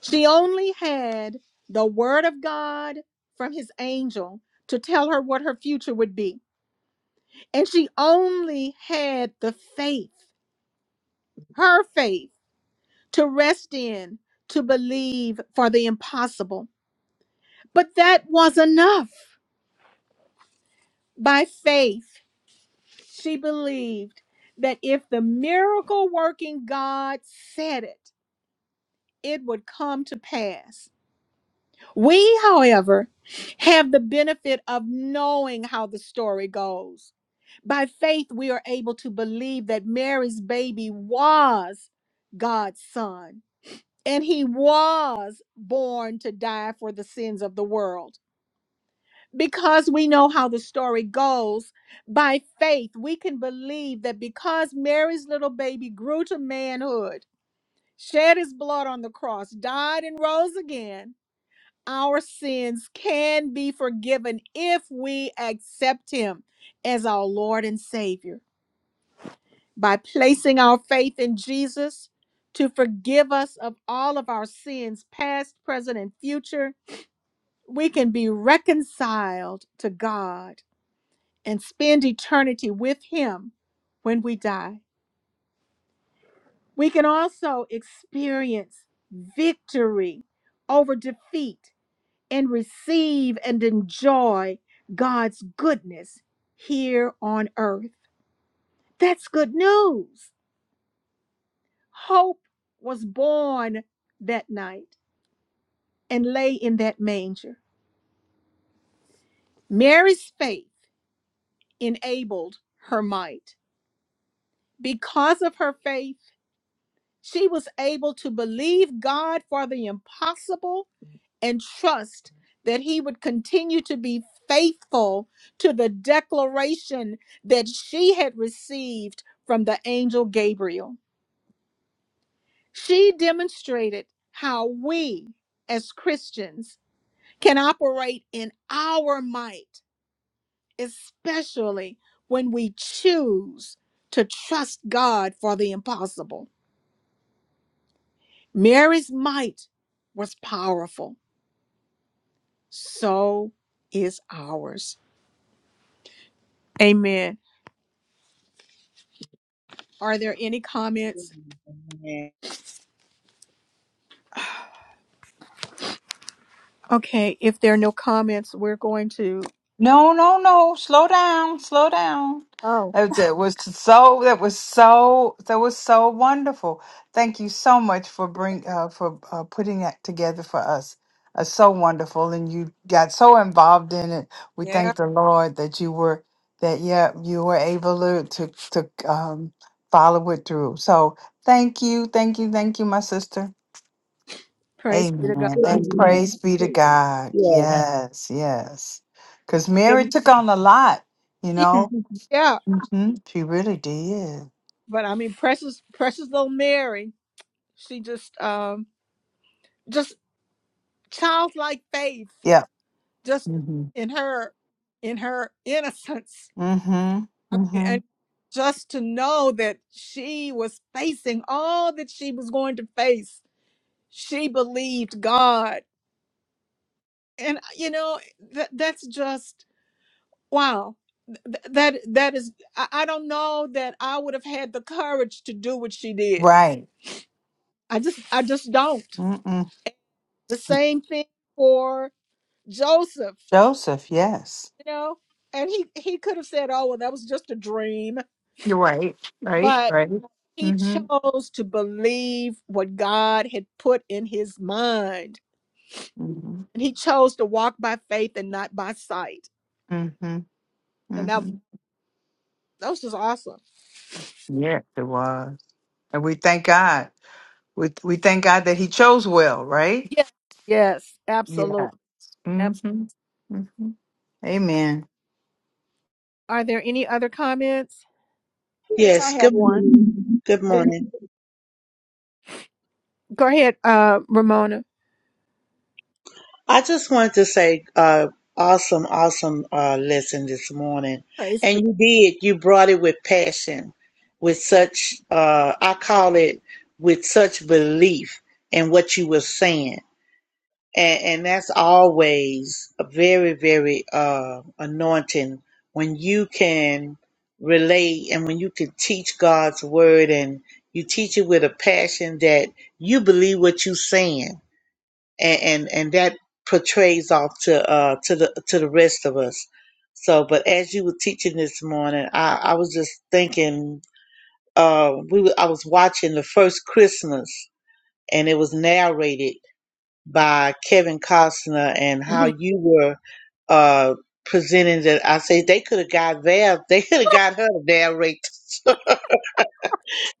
She only had the word of God from his angel to tell her what her future would be And she only had the faith, her faith, to rest in, to believe for the impossible. But that was enough. By faith, she believed that if the miracle working God said it, it would come to pass. We, however, have the benefit of knowing how the story goes. By faith, we are able to believe that Mary's baby was God's son and he was born to die for the sins of the world. Because we know how the story goes, by faith we can believe that because Mary's little baby grew to manhood, shed his blood on the cross, died and rose again, our sins can be forgiven if we accept him as our Lord and Savior. By placing our faith in Jesus to forgive us of all of our sins, past, present, and future, we can be reconciled to God and spend eternity with Him when we die. We can also experience victory over defeat and receive and enjoy God's goodness here on earth. That's good news. Hope was born that night and lay in that manger. Mary's faith enabled her might. Because of her faith, She was able to believe God for the impossible and trust that He would continue to be faithful to the declaration that she had received from the angel Gabriel. She demonstrated how we as Christians can operate in our might, especially when we choose to trust God for the impossible. Mary's might was powerful so is ours. Amen. Are there any comments?
Amen.
Okay, if there are no comments, we're going to
No, no, no. Slow down. Slow down.
oh
That was, that was so. That was so. That was so wonderful. Thank you so much for bring uh, for uh, putting that together for us. Uh, so wonderful, and you got so involved in it. We
Yeah.
thank the Lord that you were that. Yeah, you were able to to, to um, follow it through. So thank you, thank you, thank you, my sister.
praise be to
Amen.
Good
God.
And
morning.
praise be to
Good-
God.
Yeah.
Yes, yes. Because Mary
Good,
took on a lot, you
Yeah,
know.
yeah.
hmm She really did.
But I mean precious precious little Mary, she just um just childlike faith,
Yeah.
just
Mm-hmm.
in her in her innocence.
Mm-hmm.
I mean
Mm-hmm.
and just to know that she was facing all that she was going to face. She believed God and uh, you know that that's just wow Th- that that is I, I don't know that i would have had the courage to do what she did
Right.
i just i just don't
Mm-mm.
the same thing for joseph
Joseph, yes.
you know and he he could have said oh well that was just a dream
You're right. Right.
but
Right.
he
Mm-hmm.
chose to believe what god had put in his mind
Mm-hmm.
and he chose to walk by faith and not by sight
Mm-hmm.
and that
Mm-hmm.
that was just awesome
Yes, it was. And we thank God. We, we thank God that he chose well, right?
yes yes
Yeah.
absolutely
Mm-hmm. Mm-hmm. Amen.
Are there any other comments?
Yes, I
yes.
have
Good
one.
morning.
Good
Good
morning.
morning.
Go ahead, uh, Ramona.
I just wanted to say, uh, awesome, awesome, uh, lesson this morning.
Praise be,
And you did, you brought it with passion, with such, uh, I call it with such belief in what you were saying. and, and that's always a very very uh anointing when you can relate and when you can teach god's word and you teach it with a passion that you believe what you're saying and and, and that portrays off to uh to the to the rest of us so but as you were teaching this morning i i was just thinking uh we were, i was watching the first christmas and it was narrated by Kevin Costner and how
Mhm.
you were uh, presenting that. I say they could have got Val, they could have got her to narrate.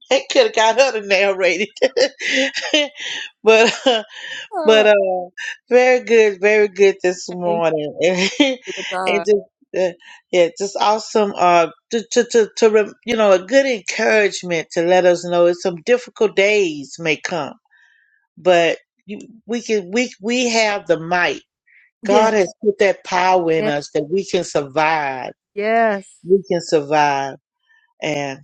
they could have got her to narrate it. but uh,
oh,
but uh, very good, very good this
Thank
morning, and,
be to God.
just. Uh, yeah, just awesome. Uh, to to to, to rem- you know, a good encouragement to let us know that some difficult days may come, but you, we can we we have the might
Yeah,
God has put that power in
yeah,
us that we can survive.
yes.
We can survive, and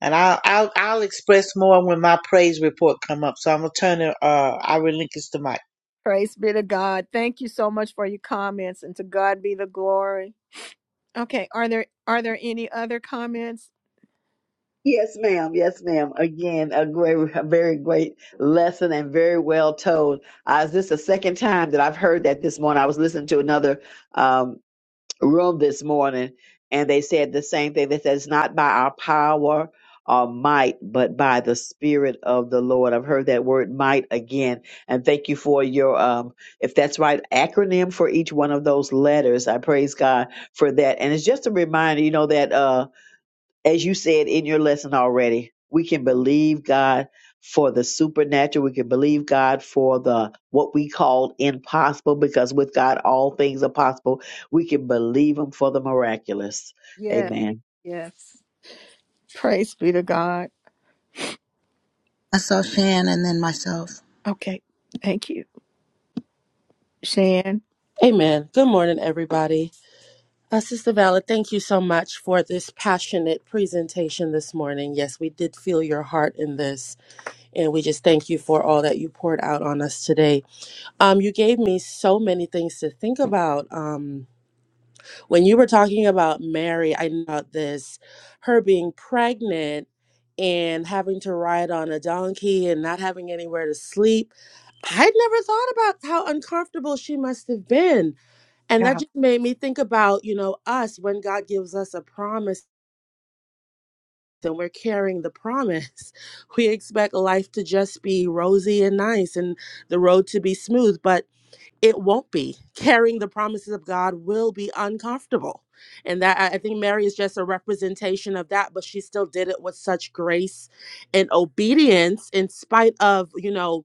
and I'll I'll, I'll express more when my praise report come up. So I'm gonna turn it. Uh, I relinquish the mic.
Praise be to God. Thank you so much for your comments, and to God be the glory. Okay, are there are there any other comments?
Yes, ma'am. Yes, ma'am. Again, a great, a very great lesson and very well told. Uh, this is the second time that I've heard that this morning. I was listening to another um, room this morning, and they said the same thing. They said it's not by our power or might, but by the Spirit of the Lord. I've heard that word might again, and thank you for your, um, if that's right, acronym for each one of those letters. I praise God for that, and it's just a reminder, you know, that. Uh, as you said in your lesson already, we can believe God for the supernatural. We can believe God for the what we call impossible because with God all things are possible. We can believe Him for the miraculous.
Yes,
Amen.
yes. Praise be to God.
I saw Shan, and then myself.
Okay, thank you, Shan.
Amen. Good morning, everybody. Uh, Sister Valid, thank you so much for this passionate presentation this morning. Yes, we did feel your heart in this, and we just thank you for all that you poured out on us today. Um, you gave me so many things to think about. Um, when you were talking about Mary, I know about this, her being pregnant and having to ride on a donkey and not having anywhere to sleep. I'd never thought about how uncomfortable she must have been. And that just made me think about, you know, us when God gives us a promise and we're carrying the promise. We expect life to just be rosy and nice and the road to be smooth. But it won't be carrying the promises of god will be uncomfortable and that i I think mary is just a representation of that but she still did it with such grace and obedience in spite of you know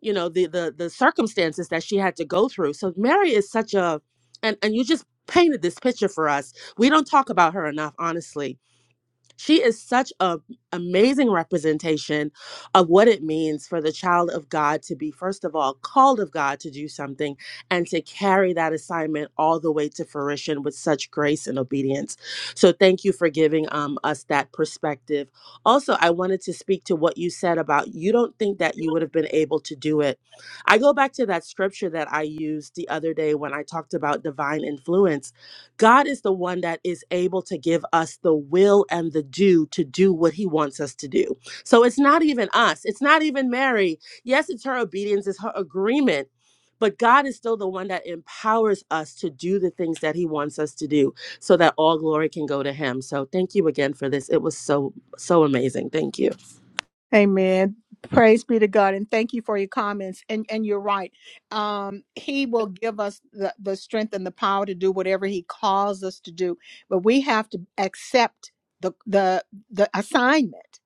you know the the, the circumstances that she had to go through so mary is such a and and you just painted this picture for us we don't talk about her enough honestly she is such a amazing representation of what it means for the child of God to be first of all called of God to do something and to carry that assignment all the way to fruition with such grace and obedience. So thank you for giving um, us that perspective. Also, I wanted to speak to what you said about you don't think that you would have been able to do it. I go back to that scripture that I used the other day when I talked about divine influence God is the one that is able to give us the will and the do to do what he wants us to do. So it's not even us. It's not even Mary. Yes, it's her obedience, it's her agreement, but God is still the one that empowers us to do the things that he wants us to do so that all glory can go to him. So thank you again for this. It was so, so amazing. Thank you.
Amen. Praise be to God and thank you for your comments. And and you're right. Um, he will give us the, the strength and the power to do whatever he calls us to do, but we have to accept the the the assignment.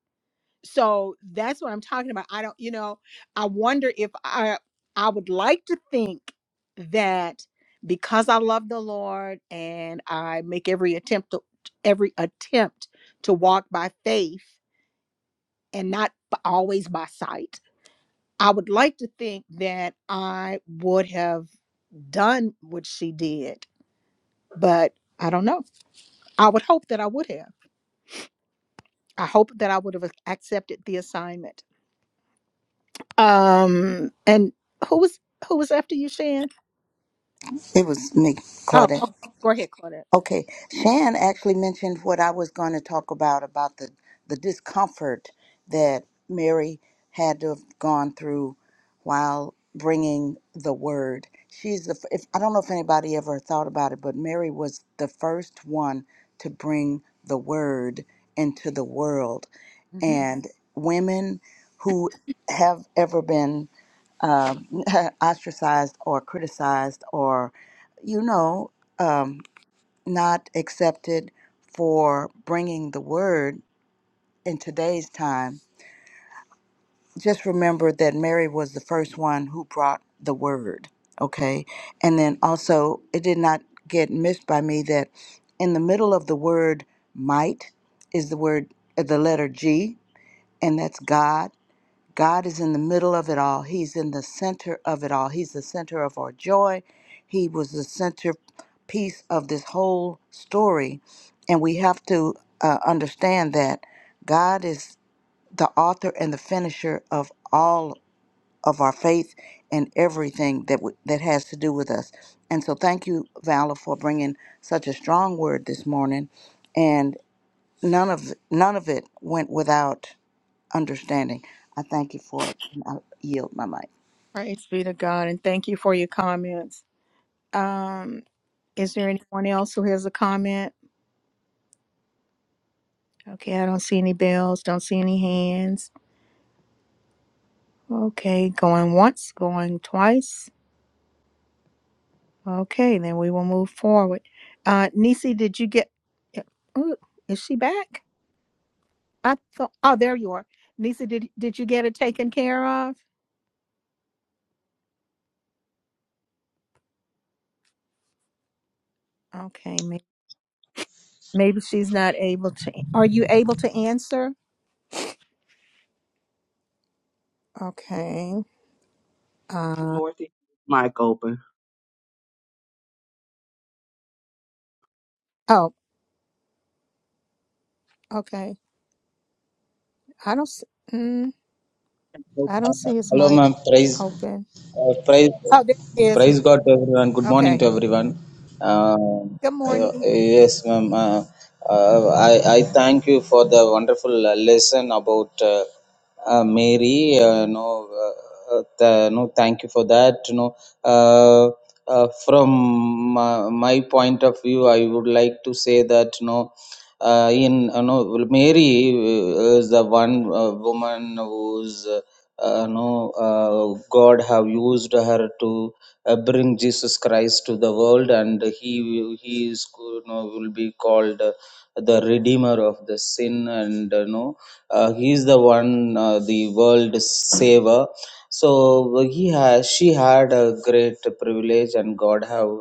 So that's what I'm talking about. I don't, you know, I wonder if I I would like to think that because I love the Lord and I make every attempt to every attempt to walk by faith and not b- always by sight. I would like to think that I would have done what she did, but I don't know. I would hope that I would have. I hope that I would have accepted the assignment. Um, and who was who was after you, Shan?
It was me,
Oh,
Claudette.
okay. Go ahead, Claudette.
Okay, Shan actually mentioned what I was going to talk about about the the discomfort that Mary had to have gone through while bringing the word. She's the f- if I don't know if anybody ever thought about it, but Mary was the first one to bring the word into the world, and women who have ever been uh, ostracized or criticized or you know. um, not accepted for bringing the word in today's time, just remember that Mary was the first one who brought the word, okay? And then also, it did not get missed by me that in the middle of the word might is the word, uh, the letter G, and that's God. God is in the middle of it all. He's in the center of it all. He's the center of our joy. He was the centerpiece of this whole story. And we have to uh, understand that God is the author and the finisher of all of our faith and everything that w- that has to do with us. And so thank you Vala for bringing such a strong word this morning and none of none of it went without understanding. I thank you for it, and I yield my mic.
Praise be to God, and thank you for your comments. Um, is there anyone else who has a comment? Okay, I don't see any bells, don't see any hands. Okay, going once, going twice. Okay, then we will move forward. Uh, Nisi, did you get? eh, Oh, is she back? I thought. Oh, there you are, Nisi. Did did you get it taken care of? Okay, maybe, maybe she's not able to. Are you able to answer? Okay.
Good
Uh,
morning. Mike open.
oh, okay. I don't. s- Mm, I
Uh,
don't see his
Hello,
mic
ma'am. Praise,
open.
uh, praise,
Oh, there it is. now.
praise God to everyone. Good morning
Okay.
to everyone. Uh,
Good
uh,
morning.
yes, ma'am. Uh, uh, I I thank you for the wonderful uh, lesson about uh, uh, Mary. Uh, no, uh, uh, th- no, thank you for that. You know, uh, uh, from my, my point of view, I would like to say that no uh, in you know Mary uh, is the one uh, woman who's uh, you know uh, God have used her to uh, bring Jesus Christ to the world, and he will- he is you know will be called. uh, the redeemer of the sin and you know uh, he is the one uh, the world saver so he has she had a great privilege and god have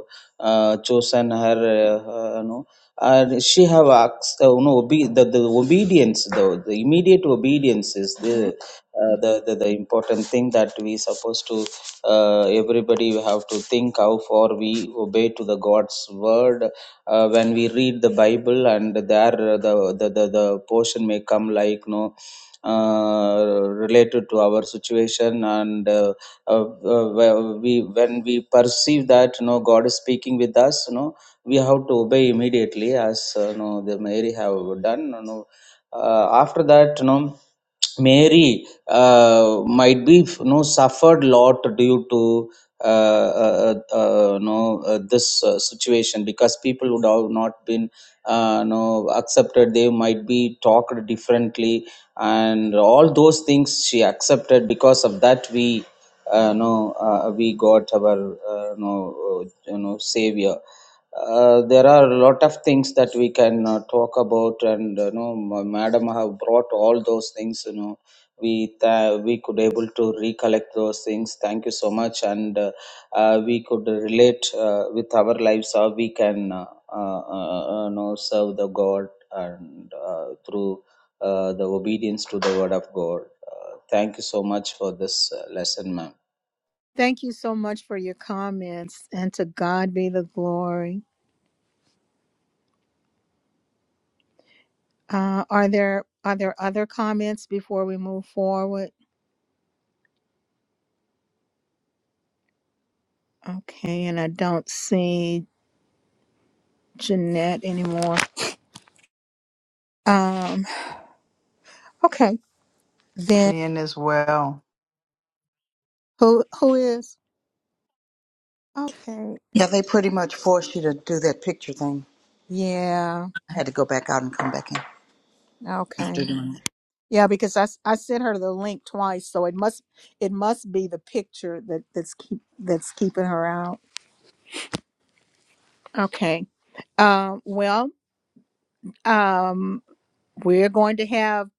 uh, chosen her uh, you know and she have acts, uh, no, obe- the, the obedience though the immediate obedience is the,
Mhm.
uh, the the the important thing that we supposed to uh, everybody we have to think how far we obey to the God's word uh, when we read the Bible and there uh, the the the, the portion may come like no. Uh, related to our situation and uh, uh, uh, we when we perceive that no, god is speaking with us no we have to obey immediately as uh, you know, the Mary have done. You know. uh, after that, you know, Mary uh, might be you know suffered lot due to uh, uh, uh, uh, you know uh, this uh, situation because people would have not been uh, you know accepted they might be talked differently and all those things she accepted because of that we uh, you know uh, we got our uh, you know uh, you know savior uh, there are a lot of things that we can uh, talk about and you know ma- madam have brought all those things you know we tha- we could able to recollect those things thank you so much and uh, uh, we could relate uh, with our lives how we can uh, uh, uh, you know serve the god and uh, through uh, the obedience to the word of god uh, thank you so much for this uh, lesson ma'am
Thank you so much for your comments, and to God be the glory. Uh, are there are there other comments before we move forward? Okay, and I don't see Jeanette anymore. Um, okay. Then
in as well.
who who is? Okay.
Yeah, they pretty much forced you to do that picture thing.
Yeah.
I had to go back out and come back in after
Okay.
doing
Yeah, because I, s- I sent her the link twice, so it must it must be the picture that that's keep that's keeping her out. Okay. Um, well, um, we're going to have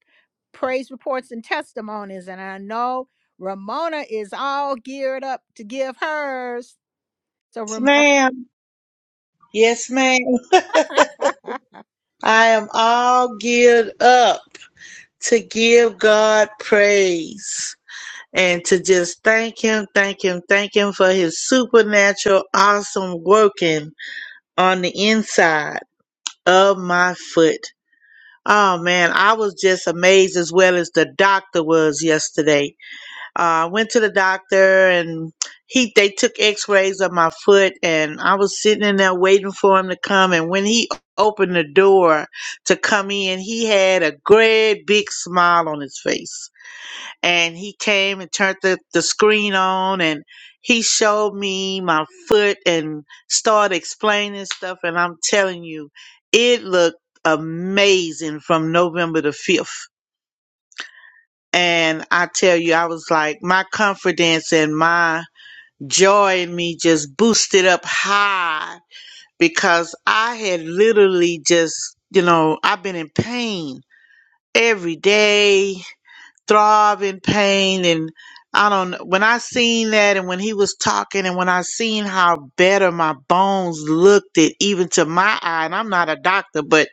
praise reports and testimonies, and I know Ramona is all geared up to give hers. So
Yes,
Ramona,
ma'am. Yes, ma'am. I am all geared up to give God praise and to just thank Him, thank Him, thank Him for His supernatural, awesome working on the inside of my foot. Oh man, I was just amazed as well as the doctor was yesterday. Uh, I went to the doctor and he they took X-rays of my foot, and I was sitting in there waiting for him to come. And when he opened the door to come in, he had a great big smile on his face and he came and turned the, the screen on and he showed me my foot and started explaining stuff and i'm telling you it looked amazing from november the 5th and i tell you i was like my confidence and my joy in me just boosted up high because i had literally just you know i've been in pain every day throb in pain and I don't when I seen that and when he was talking and when I seen how better my bones looked it even to my eye and I'm not a doctor but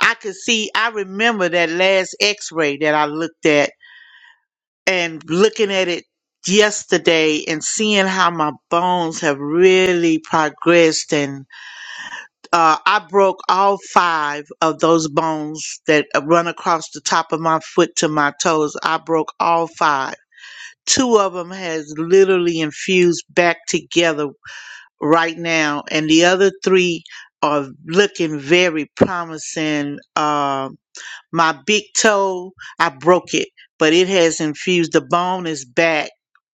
I could see I remember that last x-ray that I looked at and looking at it yesterday and seeing how my bones have really progressed and uh, I broke all five of those bones that run across the top of my foot to my toes I broke all five two of them has literally infused back together right now and the other three are looking very promising Um my big toe i broke it but it has infused the bone is back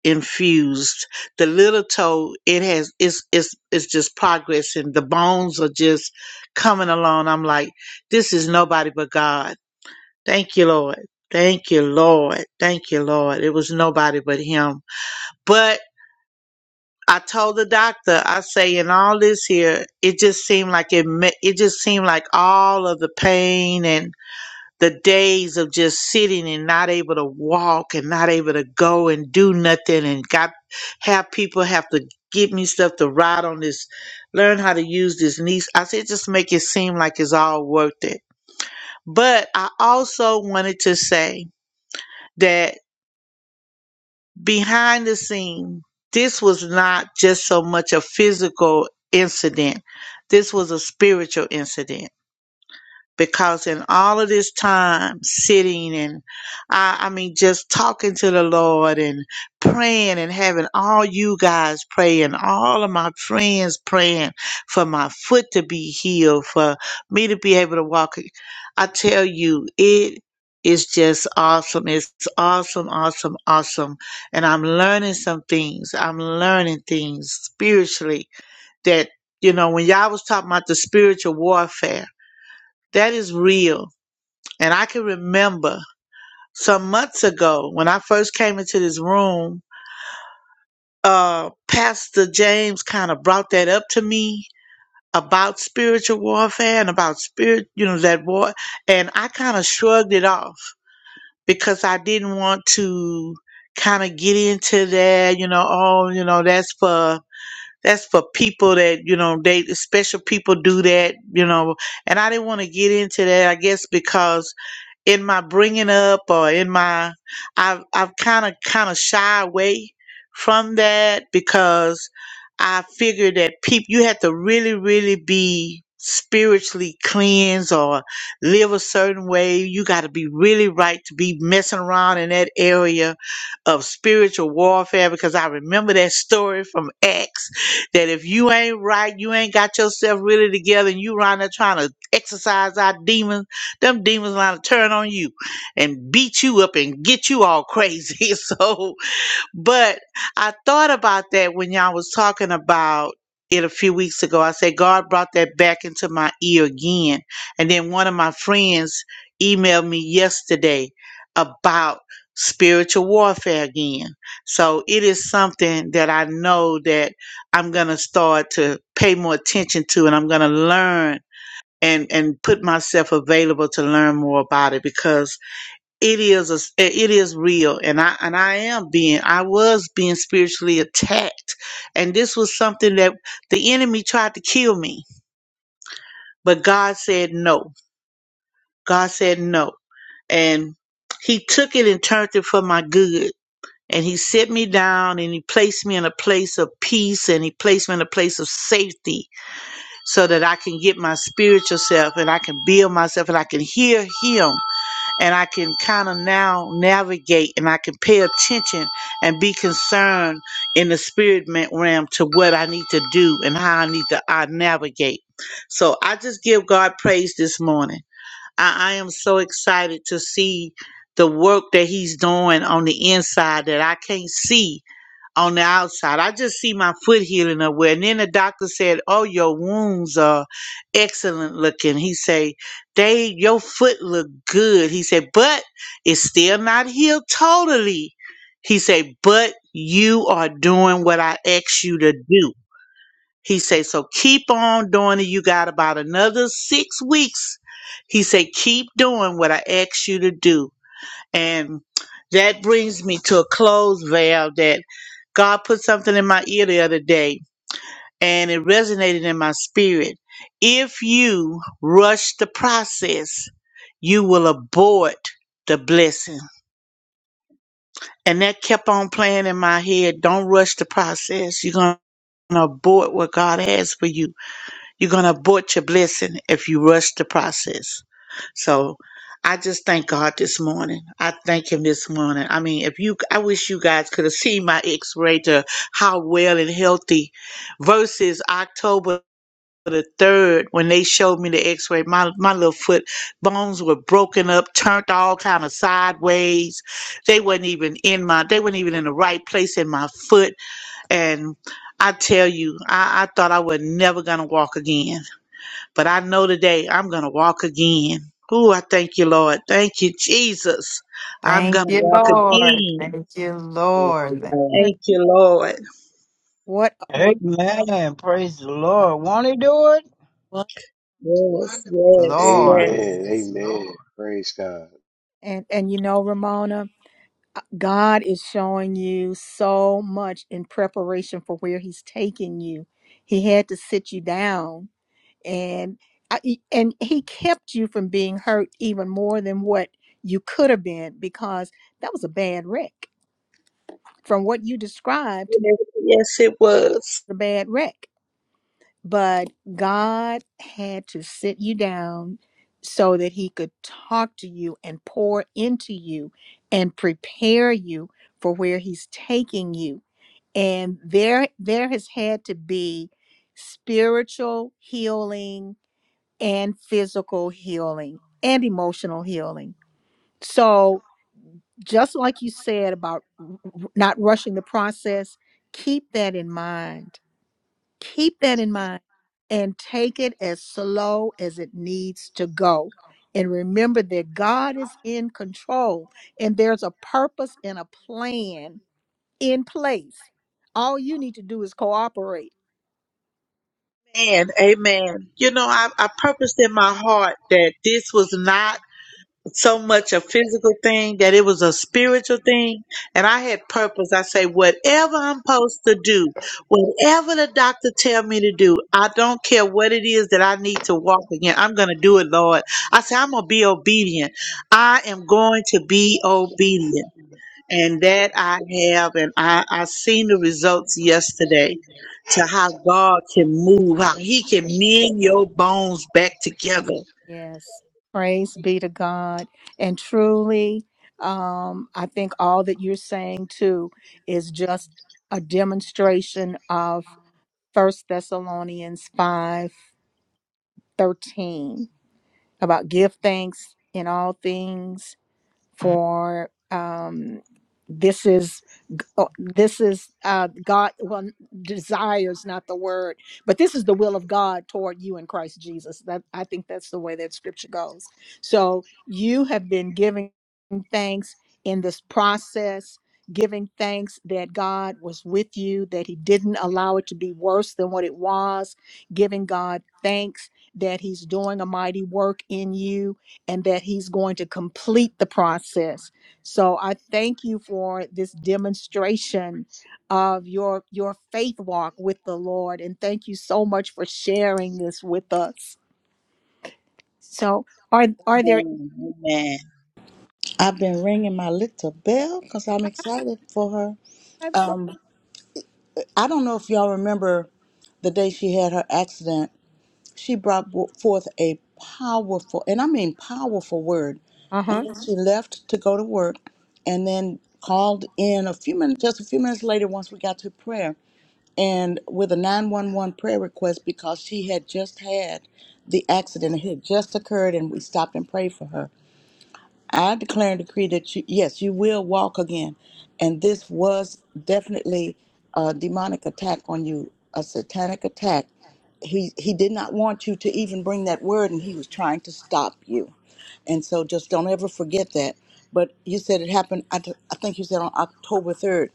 infused the little toe it has it's it's it's just progressing the bones are just coming along i'm like this is nobody but god thank you lord thank you lord thank you lord it was nobody but him but I told the doctor, I say, in all this here, it just seemed like it. ma- It just seemed like all of the pain and the days of just sitting and not able to walk and not able to go and do nothing and got have people have to give me stuff to ride on this, learn how to use this niece. I said, just make it seem like it's all worth it. But I also wanted to say that. behind the scene, this was not just so much a physical incident. This was a spiritual incident because in all of this time sitting and I, I mean just talking to the Lord and praying and having all you guys praying, all of my friends praying for my foot to be healed, for me to be able to walk. I tell you, it is just awesome. It's awesome, awesome, awesome. And I'm learning some things. I'm learning things spiritually that, you know, when y'all was talking about the spiritual warfare, that is real and I can remember some months ago when I first came into this room, uh, Pastor James kind of brought that up to me about spiritual warfare and about spirit, you know, that war. And I kind of shrugged it off because I didn't want to kind of get into that, you know, oh, you know, that's for. That's for people that, you know, they special people do that, you know, and I didn't want to get into that, I guess, because in my bringing up or in my I've I've kind of kind of shy away from that because I figure that people you have to really really be spiritually cleansed or live a certain way you got to be really right to be messing around in that area of spiritual warfare because I remember that story from Acts that if you ain't right you ain't got yourself really together and you around there trying to exercise our demons them demons gonna turn on you and beat you up and get you all crazy. So, but I thought about that when y'all was talking about it a few weeks ago. I said God brought that back into my ear again. And then one of my friends emailed me yesterday about spiritual warfare again. So it is something that I know that I'm gonna start to pay more attention to, and I'm gonna learn and and put myself available to learn more about it because it is a, it is real and I and I am being I was being spiritually attacked and this was something that the enemy tried to kill me but God said no God said no and he took it and turned it for my good and he set me down and he placed me in a place of peace and he placed me in a place of safety so that I can get my spiritual self and I can build myself and I can hear him and I can kind of now navigate and I can pay attention and be concerned in the spirit ma- realm to what I need to do and how I need to I navigate. So I just give God praise this morning. I, I am so excited to see the work that He's doing on the inside that I can't see on the outside. I just see my foot healing up well. And then the doctor said, "Oh, your wounds are excellent looking." He say, "They your foot look good." He said, "But it's still not healed totally." He said, "But you are doing what I asked you to do." He say, "So keep on doing it. You got about another six weeks." He say, "Keep doing what I asked you to do." And that brings me to a close, Val, that God put something in my ear the other day and it resonated in my spirit. If you rush the process, you will abort the blessing. And that kept on playing in my head. Don't rush the process. You're going to abort what God has for you. You're going to abort your blessing if you rush the process. So I just thank God this morning. I thank Him this morning. I mean, if you, I wish you guys could have seen my x ray to how well and healthy versus October the 3rd when they showed me the x ray. My, my little foot bones were broken up, turned all kind of sideways. They wasn't even in my, they weren't even in the right place in my foot. And I tell you, I, I thought I was never going to walk again but I know today I'm going to walk again. Ooh, I thank you, Lord. Thank you, Jesus. I'm
Thank
going to
you,
walk
Lord.
again.
Thank you, Lord. Thank you,
Thank you, Lord.
what what?
Amen. Praise the Lord. Want to do it?
Yes, yes,
Lord.
yes.
Amen. Amen. Praise God.
And and you know, Ramona, uh, God is showing you so much in preparation for where He's taking you. He had to sit you down, and I- and He kept you from being hurt even more than what you could have been because that was a bad wreck. From what you described,
Yes, it was.
the bad wreck but God had to sit you down so that he could talk to you and pour into you and prepare you for where he's taking you and there there has had to be spiritual healing and physical healing and emotional healing so just like you said about r- r- not rushing the process keep that in mind keep that in mind and take it as slow as it needs to go. And remember that God is in control and there's a purpose and a plan in place. All you need to do is cooperate.
Man, amen. You know, I, I purposed in my heart that this was not so much a physical thing that it was a spiritual thing. And I had purpose. I say, whatever I'm supposed to do, whatever the doctor tell me to do, I don't care what it is that I need to walk again. I'm going to do it, Lord. I say, I'm going to be obedient. I am going to be obedient. And that I have, and I, I seen the results yesterday to how God can move, how he can
Yes.
mend your bones back together.
Yes. Praise be to God. And truly, um, I think all that you're saying too is just a demonstration of First Thessalonians five thirteen. about give thanks in all things for um, this is oh, this is uh, God. Well, desires not the word, but this is the will of God toward you in Christ Jesus. That I think that's the way that Scripture goes. So you have been giving thanks in this process, giving thanks that God was with you, that He didn't allow it to be worse than what it was. Giving God thanks that He's doing a mighty work in you, and that He's going to complete the process so I thank you for this demonstration of your your faith walk with the Lord and thank you so much for sharing this with us. So are are there
Amen. Amen.
it. I've been ringing my little bell because I'm excited for her.
Absolutely.
Um, I don't know if y'all remember the day she had her accident. She brought w- forth a powerful, and I mean powerful word. And
uh-huh.
then she left to go to work, and then called in a few minutes, just a few minutes later, once we got to prayer. and with a 911 prayer request because she had just had the accident. It had just occurred, and we stopped and prayed for her. I declare and decree that you, yes, you will walk again. And this was definitely a demonic attack on you, a satanic attack. He he did not want you to even bring that word, and he was trying to stop you. And so, just don't ever forget that. But you said it happened. I, th- I think you said on October 3rd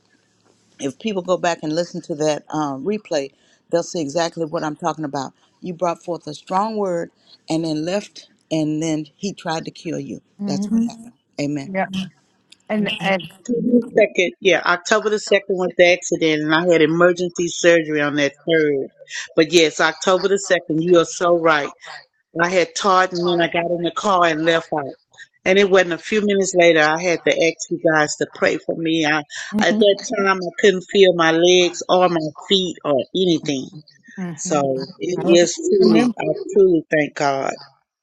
if people go back and listen to that um, replay, they'll see exactly what I'm talking about. You brought forth a strong word and then left, and then he tried to kill you. That's what Mhm.
hmm
happened. Amen.
Yeah. And and
Second, yeah, October the second was the accident, and I had emergency surgery on that third. But yes, October the second, you are so right. I had taught, and then I got in the car and left out. And it wasn't a few minutes later, I had to ask you guys to pray for me. I, at
hmm
that time, I couldn't feel my legs or my feet or anything.
mhm.
Yeah,
So it
I rem-
is truly,
remember.
I truly thank God.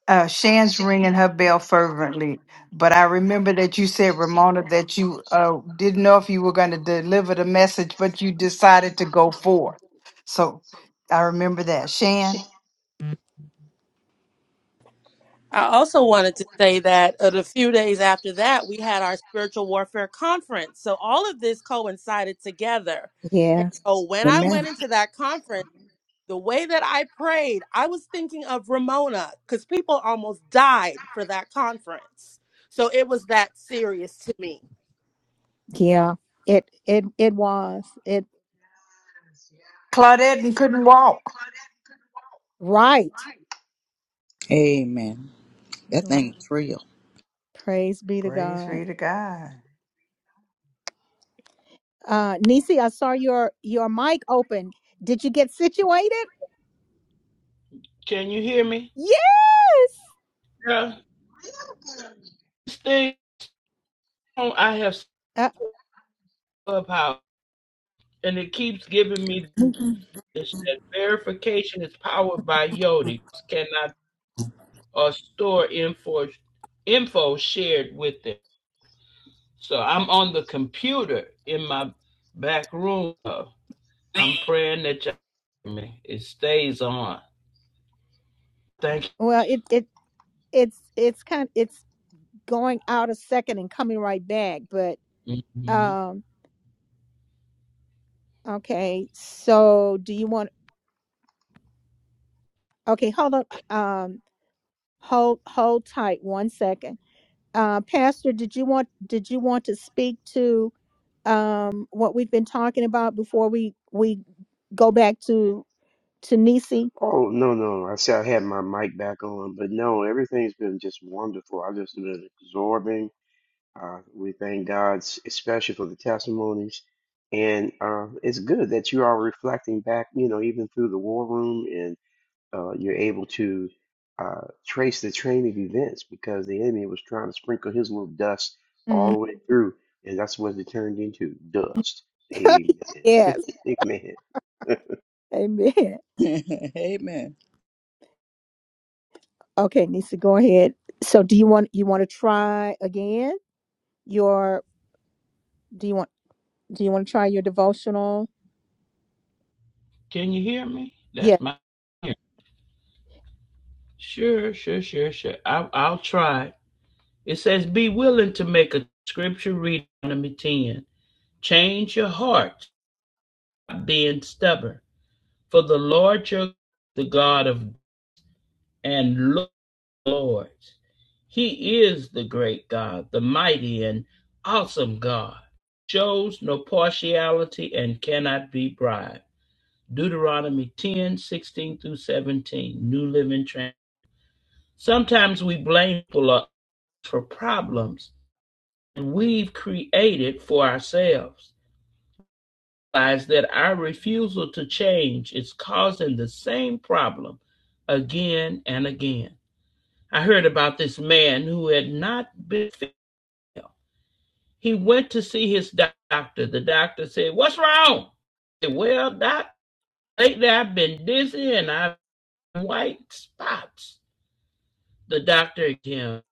uh, Shan's ringing her bell fervently, but I remember that you said, Ramona, that you uh, didn't know if you were going to deliver the message, but you decided to go forth. So I remember that. Shan,
I also wanted to say that uh, a few days after that, we had our spiritual warfare conference. So all of this coincided together. And
Yes.
so when I went
Amen.
into that conference, the way that I prayed, I was thinking of Ramona because people almost died for that conference. So it was that serious to me.
Yeah. It it it was. It
Claudette couldn't walk.
right.
Amen. That
Right.
thing is real.
Praise be to
Praise
God.
be to God.
Uh Nisi, I saw your your mic open. Did you get situated?
Can you hear me?
Yes.
Yeah. This thing I have
Uh,
Clubhouse, and it keeps giving me this that verification is powered by Yoti. Cannot or store info info shared with them. So I'm on the computer in my back room. Uh, I'm praying that Jeremy, it stays on. Thank
well, it, it it's it's kind it's going out a second and coming right back but
you. hmm
um okay so do you want okay hold on um hold hold tight one second uh pastor did you want did you want to speak to um what we've been talking about before we we go back to to nisi
Oh no, no. I said I had my mic back on, but no, everything's been just wonderful. I've just been absorbing. Uh, we thank God, s- especially for the testimonies, and uh, it's good that you are reflecting back. You know, even through the war room, and uh, you're able to uh, trace the train of events because the enemy was trying to sprinkle his little dust all the
Mm.
way through, and that's what it turned into dust. Amen.
yes
Amen.
amen
Amen.
okay nisi go ahead so do you want you want to try again your do you want? Do you want to try your devotional?
Can you hear me?
Yeah,
That's my ear. sure, sure, sure, sure. I'll, I'll try. It says, "Be willing to make a scripture read." Deuteronomy ten. Change your heart, being stubborn, for the Lord your the God of and lords. He is the great God, the mighty and awesome God. Shows no partiality and cannot be bribed. Deuteronomy 10 16 through 17, New Living Translation. Sometimes we blame people for problems and we've created for ourselves. Realize that our refusal to change is causing the same problem again and again. I heard about this man who had not been well. He went to see his doctor. The doctor said, What's wrong? He said, well, doc, lately I've been dizzy and I've white spots. the doctor examined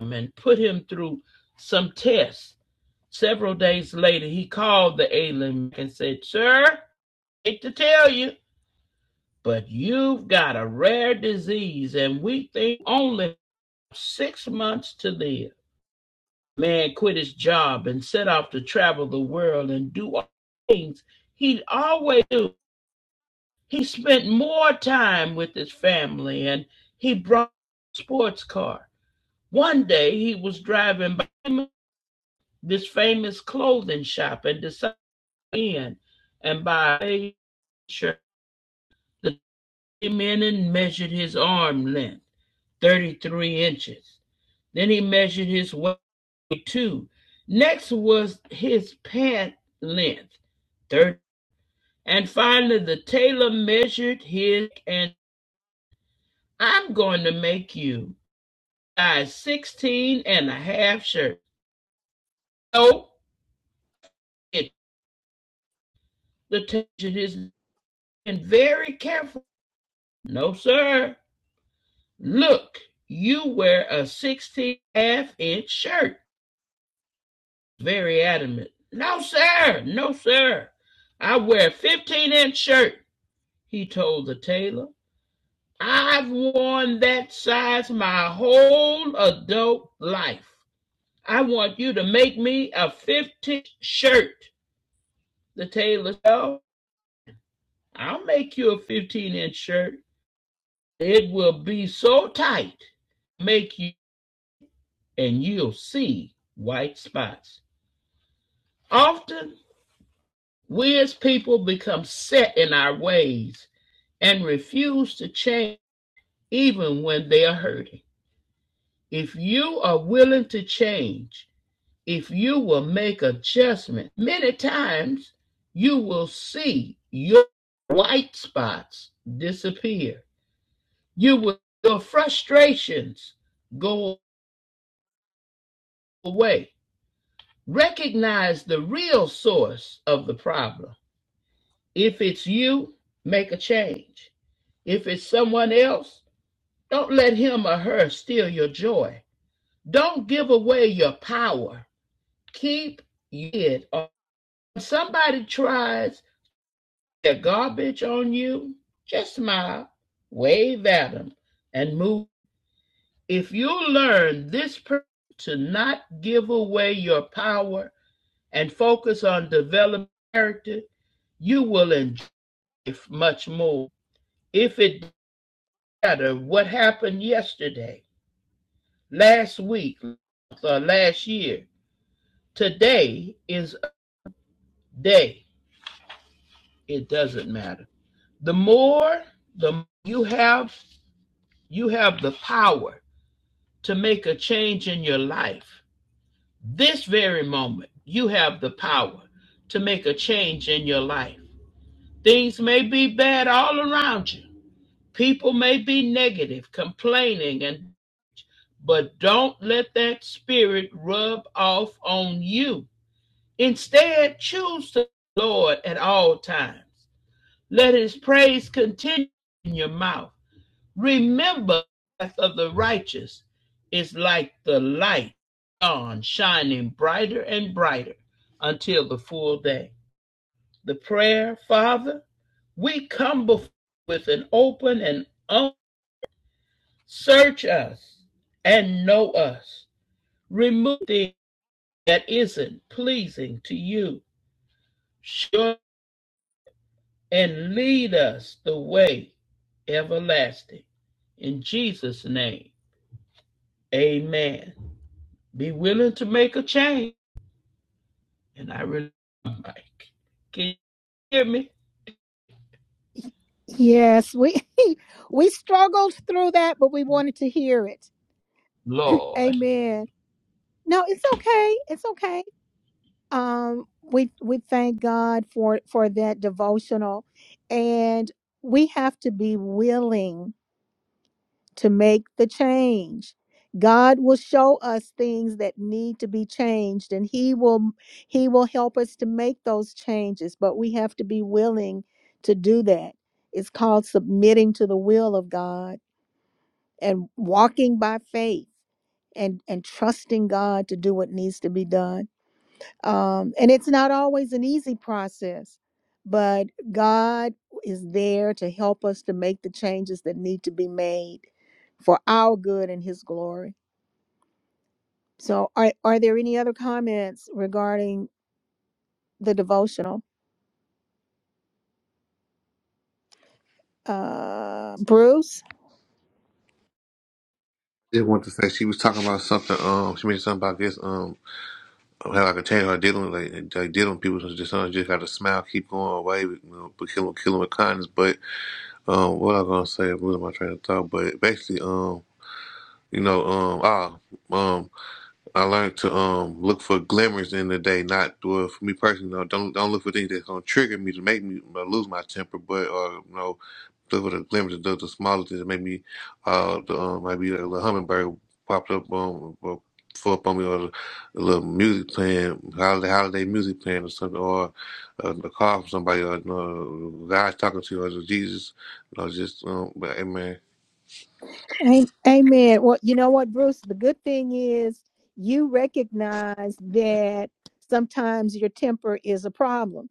him and put him through some tests. Several days later, he called the alien and said, Sir, hate to tell you, but you've got a rare disease, and we think only six months to live. Man quit his job and set off to travel the world and do all things he'd always do. He spent more time with his family and he brought a sports car. One day he was driving by this famous clothing shop and decided to go in and buy a measure, the three and measured his arm length, 33 inches. Then he measured his waist, too. Next was his pant length, 30. And finally, the tailor measured his, and I'm going to make you size 16 and a half shirt. No, it, the tailor measured his, and very careful. No, sir. Look, you wear a 16 and a half inch shirt. Very adamant. No, sir. No, sir. I wear a 15 inch shirt, he told the tailor. I've worn that size my whole adult life. I want you to make me a 15 inch shirt. The tailor said, "Oh, I'll make you a 15 inch shirt. It will be so tight, make you, and you'll see white spots. Often, we as people become set in our ways and refuse to change even when they are hurting. If you are willing to change, if you will make adjustment, many times you will see your white spots disappear. You will your frustrations go away. Recognize the real source of the problem. If it's you, make a change. If it's someone else, don't let him or her steal your joy. Don't give away your power. Keep it. Or If somebody tries their garbage on you, just smile, wave at them, and move. If you learn this principle to not give away your power and focus on developing character, you will enjoy much more. If it doesn't matter what happened yesterday, last week, uh, last year. Today is a day. It doesn't matter. The more the m- you have, you have the power to make a change in your life. This very moment, you have the power to make a change in your life. Things may be bad all around you. People may be negative, complaining, and but don't let that spirit rub off on you Instead, choose the Lord at all times. Let his praise continue in your mouth. Remember the path of the righteous is like the light on shining brighter and brighter until the full day. The prayer, Father, we come before with an open and un- search us and know us. Remove things that isn't pleasing to you. Show and lead us the way everlasting. In Jesus' name, amen. Be willing to make a change. And I really, like. can you hear me?
Yes, we we struggled through that, but we wanted to hear it.
Lord,
Amen. No, it's okay. It's okay. Um we we thank God for for that devotional and we have to be willing to make the change. God will show us things that need to be changed and he will he will help us to make those changes, but we have to be willing to do that. It's called submitting to the will of God and walking by faith and and trusting God to do what needs to be done. Um, and it's not always an easy process, but God is there to help us to make the changes that need to be made for our good and His glory. So, are, are there any other comments regarding the devotional? Uh, Bruce?
did want to say she was talking about something. Um, she mentioned something about this. Um, how I could change her dealing like, like dealing with people. So Just sometimes just got to smile, keep going away, you know, but kill 'em- kill 'em with kindness. But um, what I was gonna say, I'm losing my train of thought. But basically, um, you know, um, ah, um. I learned to um look for glimmers in the day, not well for me personally. No, don't don't look for things that's gonna trigger me to make me uh, lose my temper, but or you know, look for the glimmers, the, the smaller things that make me, uh, the um, maybe a little hummingbird popped up on or flew up on me, or a little music playing, holiday holiday music playing or something, or uh, a call from somebody, or you know, God talking to you, or Jesus, you know, just um, but amen,
A- Amen. Well, you know what, Bruce? The good thing is you recognize that sometimes your temper is a problem.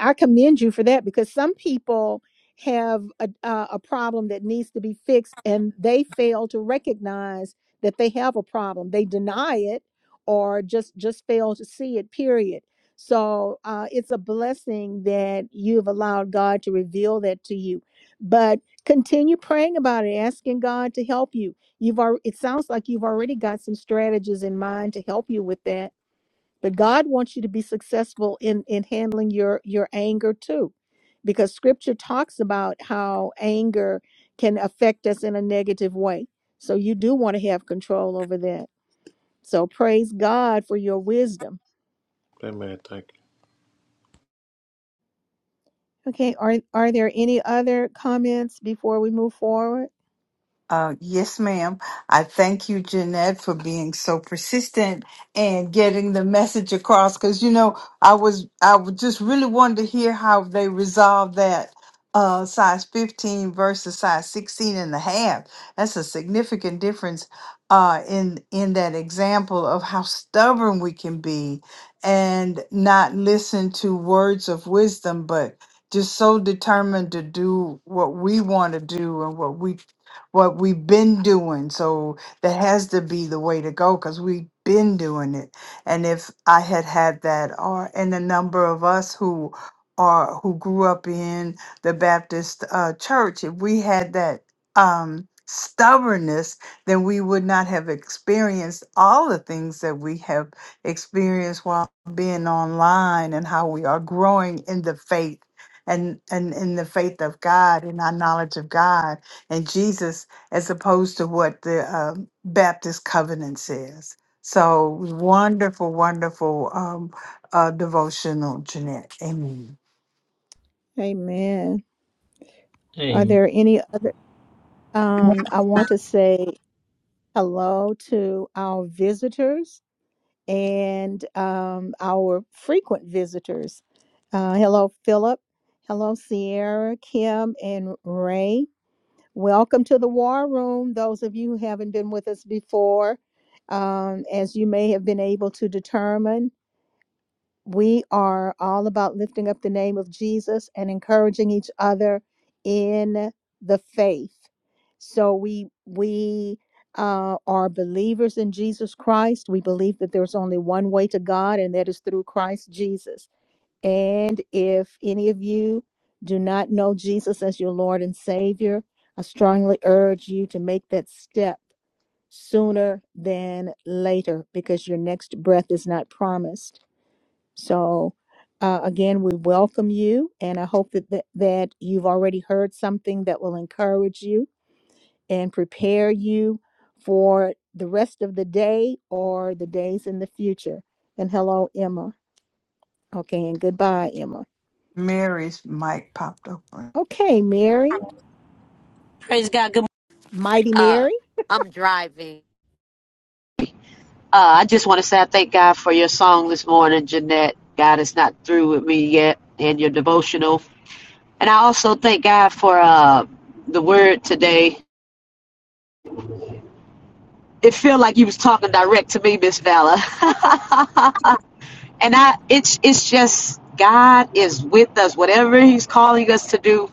I commend you for that because some people have a, uh, a problem that needs to be fixed and they fail to recognize that they have a problem. They deny it or just just fail to see it. Period. So uh, it's a blessing that you've allowed God to reveal that to you. But continue praying about it, asking God to help you. You've already, it sounds like you've already got some strategies in mind to help you with that but god wants you to be successful in in handling your your anger too because scripture talks about how anger can affect us in a negative way so you do want to have control over that so praise god for your wisdom
amen, thank you.
okay are are there any other comments before we move forward
Uh, yes, ma'am. I thank you, Jeanette, for being so persistent and getting the message across. Because you know, I was I would just really wanted to hear how they resolved that uh, size 15 versus size 16 and a half. That's a significant difference uh, in in that example of how stubborn we can be and not listen to words of wisdom, but just so determined to do what we want to do and what we what we've been doing. So that has to be the way to go because we've been doing it. And if I had had that, or and a number of us who are who grew up in the Baptist uh, church, if we had that um, stubbornness, then we would not have experienced all the things that we have experienced while being online and how we are growing in the faith and and in the faith of God and our knowledge of God and Jesus, as opposed to what the um, Baptist covenant says. So wonderful, wonderful um, uh, devotional, Jeanette. Amen.
amen are
amen.
there any other um i want to say hello to our visitors and um, our frequent visitors. Uh, hello, Philip. Hello, Sierra, Kim, and Ray. Welcome to the War Room. Those of you who haven't been with us before, um, as you may have been able to determine, we are all about lifting up the name of Jesus and encouraging each other in the faith. So we we uh, are believers in Jesus Christ. We believe that there's only one way to God, and that is through Christ Jesus. And if any of you do not know Jesus as your Lord and Savior, I strongly urge you to make that step sooner than later because your next breath is not promised. So, uh, again, we welcome you, and I hope that, that that you've already heard something that will encourage you and prepare you for the rest of the day or the days in the future. And hello, Emma. Okay, and goodbye, Emma.
Mary's mic popped open.
Okay, Mary, Mighty Mary.
Uh, I just want to say I thank God for your song this morning, Jeanette. God is not through with me yet, and your devotional. And I also thank God for uh, the word today. It feel like you was talking direct to me, Miss Vala. and I, it's it's just God is with us. Whatever He's calling us to do,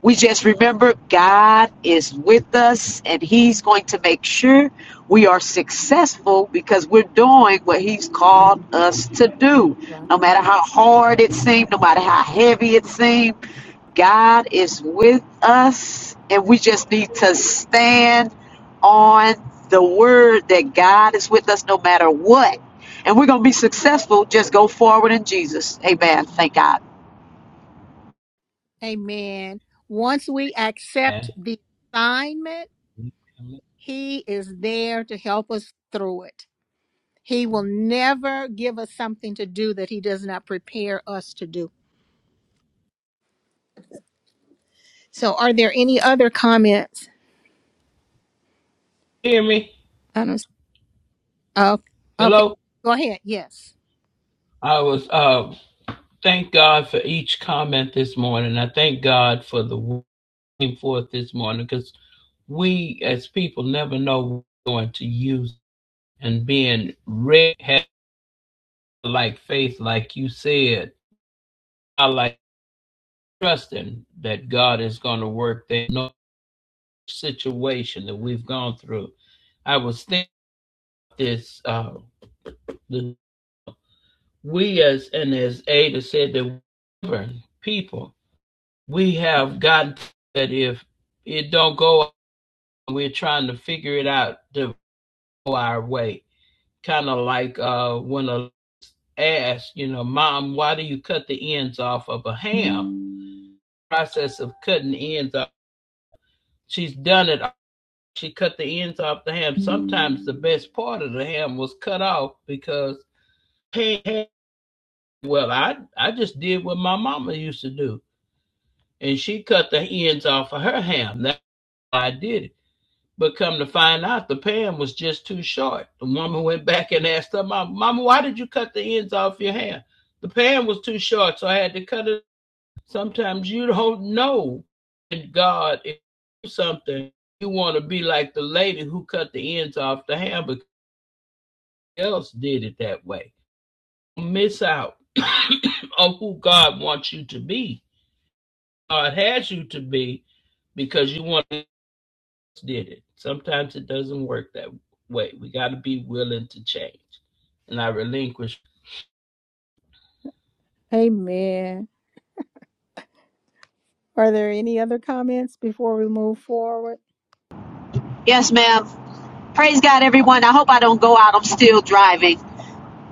We just remember God is with us and He's going to make sure we are successful because we're doing what He's called us to do.
Right.
No matter how hard it seemed, no matter how heavy it seemed, God is with us and we just need to stand on the word that God is with us no matter what. And we're going to be successful. Just go forward in Jesus. Amen. Thank God.
Amen. Once we accept the assignment, He is there to help us through it. He will never give us something to do that he does not prepare us to do. So, are there any other comments?
Hear me?
I don't. Oh, okay.
Hello?
Go ahead. Yes.
I was, uh, thank God for each comment this morning. I thank God for the word forth this morning because we as people never know what we're going to use and being ready. like faith, like you said, I like trusting that God is going to work that no situation that we've gone through. I was thinking this, uh, the, we as, and as Ada said, the people, we have gotten that if it don't go, we're trying to figure it out to go our way. Kind of like uh, when a ass, you know, mom, why do you cut the ends off of a ham? The Process of cutting ends off She's done it. She cut the ends off the ham. Sometimes the best part of the ham was cut off because hey, hey, well, I I just did what my mama used to do, and she cut the ends off of her ham. That's why I did it. But come to find out, the pan was just too short. The woman went back and asked her mama, "Mama, why did you cut the ends off your ham? The pan was too short, so I had to cut it." Sometimes you don't know that God is doing something. You want to be like the lady who cut the ends off the hamburger. Else did it that way. Miss out on who God wants you to be. God has you to be because you want to did it. Sometimes it doesn't work that way. We got to be willing to change. And I relinquish.
Amen. Are there any other comments before we move forward?
Yes, ma'am. Praise God, everyone. I hope I don't go out. I'm still driving.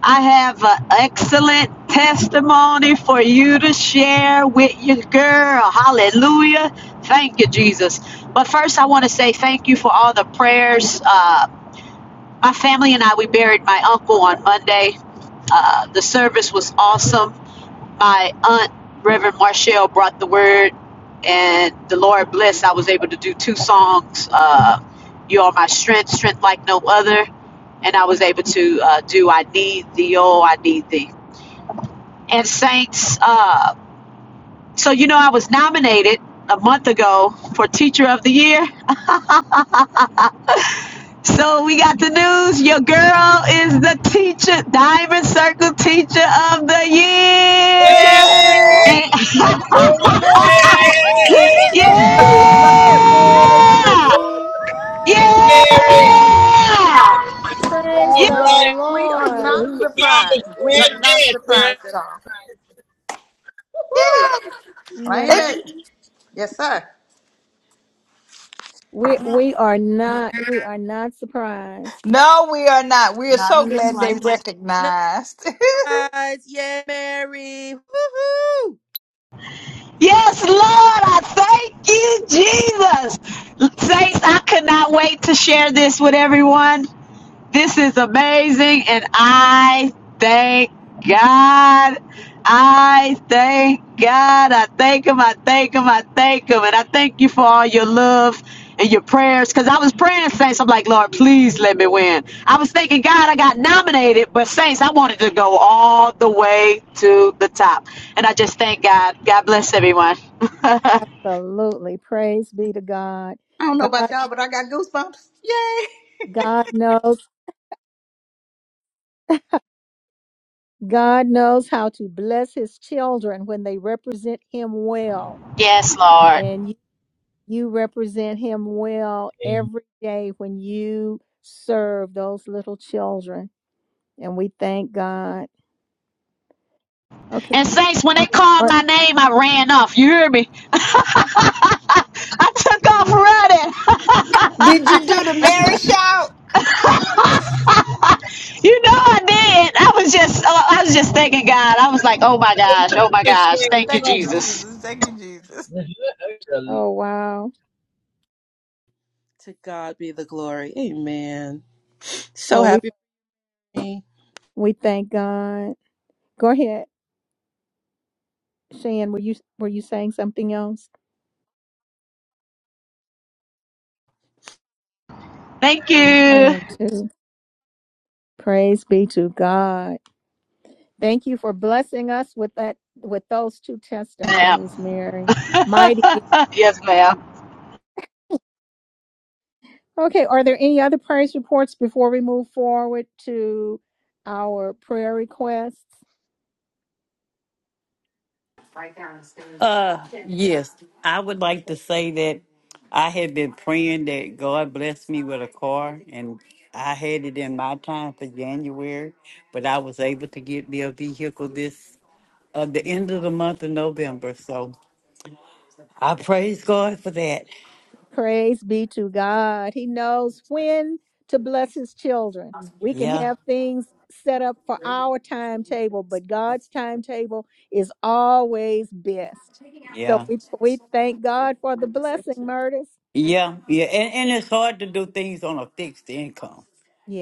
I have an excellent testimony for you to share with your girl. Hallelujah. Thank you, Jesus. But first, I want to say thank you for all the prayers. Uh, my family and I, we buried my uncle on Monday. Uh, the service was awesome my aunt, Reverend Marshall, brought the word, and the Lord bless. I was able to do two songs. Uh, you are my strength, strength like no other, and I was able to uh, do I need thee, oh I need thee. And saints, uh, so you know I was nominated a month ago for Teacher of the Year. So we got the news. Your girl is the teacher, Diamond Circle Teacher of the
Mary,
Year.
Yes,
And
Woo!
I
Woo-hoo!
Yeah!
did.
Yay, glory. to
Yeah!
God!
Mary.
Praise
All
the
right.
We are
Lord.
not
Y'all
surprised. We are
scared
not
dead, man.
surprised at all. Woo!
No,
Claim it. Yes, sir.
we we are not we are not surprised.
No, we are not. We are so
In the
glad they
slightest.
Nice.
recognized.
tries. Yay, Mary. Woohoo!
Yes, Lord, I thank you, Jesus. Saints,
W-
I could not wait to share this with everyone. This is amazing, and I thank God. I thank God. I thank Him. I thank Him. I thank Him. And I thank you for all your love and your prayers. Because I was praying, Saints. I'm like, Lord, please let me win. I was thinking, God, I got nominated, but Saints, I wanted to go all the way to the top. And I just thank God. God bless everyone.
Absolutely. Praise be to God.
I don't know about
God
y'all, but I got goosebumps.
God knows God knows how to bless his children when they represent him well. and You represent him well
Amen.
every day when you serve those little children. And we thank God. Okay.
And Saints, when they called
Uh,
my name, I ran off. You hear me? I took off running.
Did you do the Mary shout?
you know I did. I was just, uh, I was just thanking God. I was like, oh my gosh, oh my
They scared
gosh, thank you,
Thank you,
running.
Jesus,
Jesus. Thank you, Jesus.
Oh wow.
To God be the glory. Amen. So
Well we
happy for me.
we thank God. Go ahead, Shan. Were you were you saying something else?
thank
I
you,
am too. Praise be to God. Thank you for blessing us with that with those two
ma'am.
testimonies, Mary. Mighty
yes, ma'am.
Okay, are there any other praise reports before we move forward to our prayer requests?
Uh, yes, I would like to say that I had been praying that God bless me with a car, and I had it in my time for January, but I was able to get me a vehicle this uh, the end of the month of November. So I praise God for that.
Praise be to God. He knows when to bless his children. We can
Yeah,
have things set up for our timetable, but God's timetable is always best. So
yeah.
we we thank God for the blessing, Murders.
Yeah, yeah, and, and it's hard to do things on a fixed income.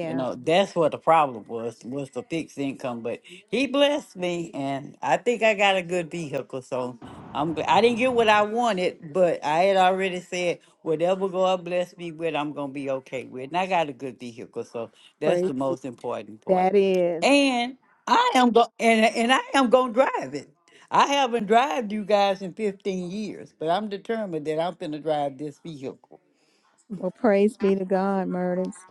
You know, that's what the problem was was the fixed income. But he blessed me, and I think I got a good vehicle. So I'm gl- I didn't get what I wanted, but I had already said whatever God bless me with, I'm gonna be okay with, and I got a good vehicle. So that's
praise
the most important part.
that is.
And I am go and and I am gonna drive it. I haven't driven you guys in 15 years, but I'm determined that I'm gonna drive this vehicle.
Well, praise be to God, Murders.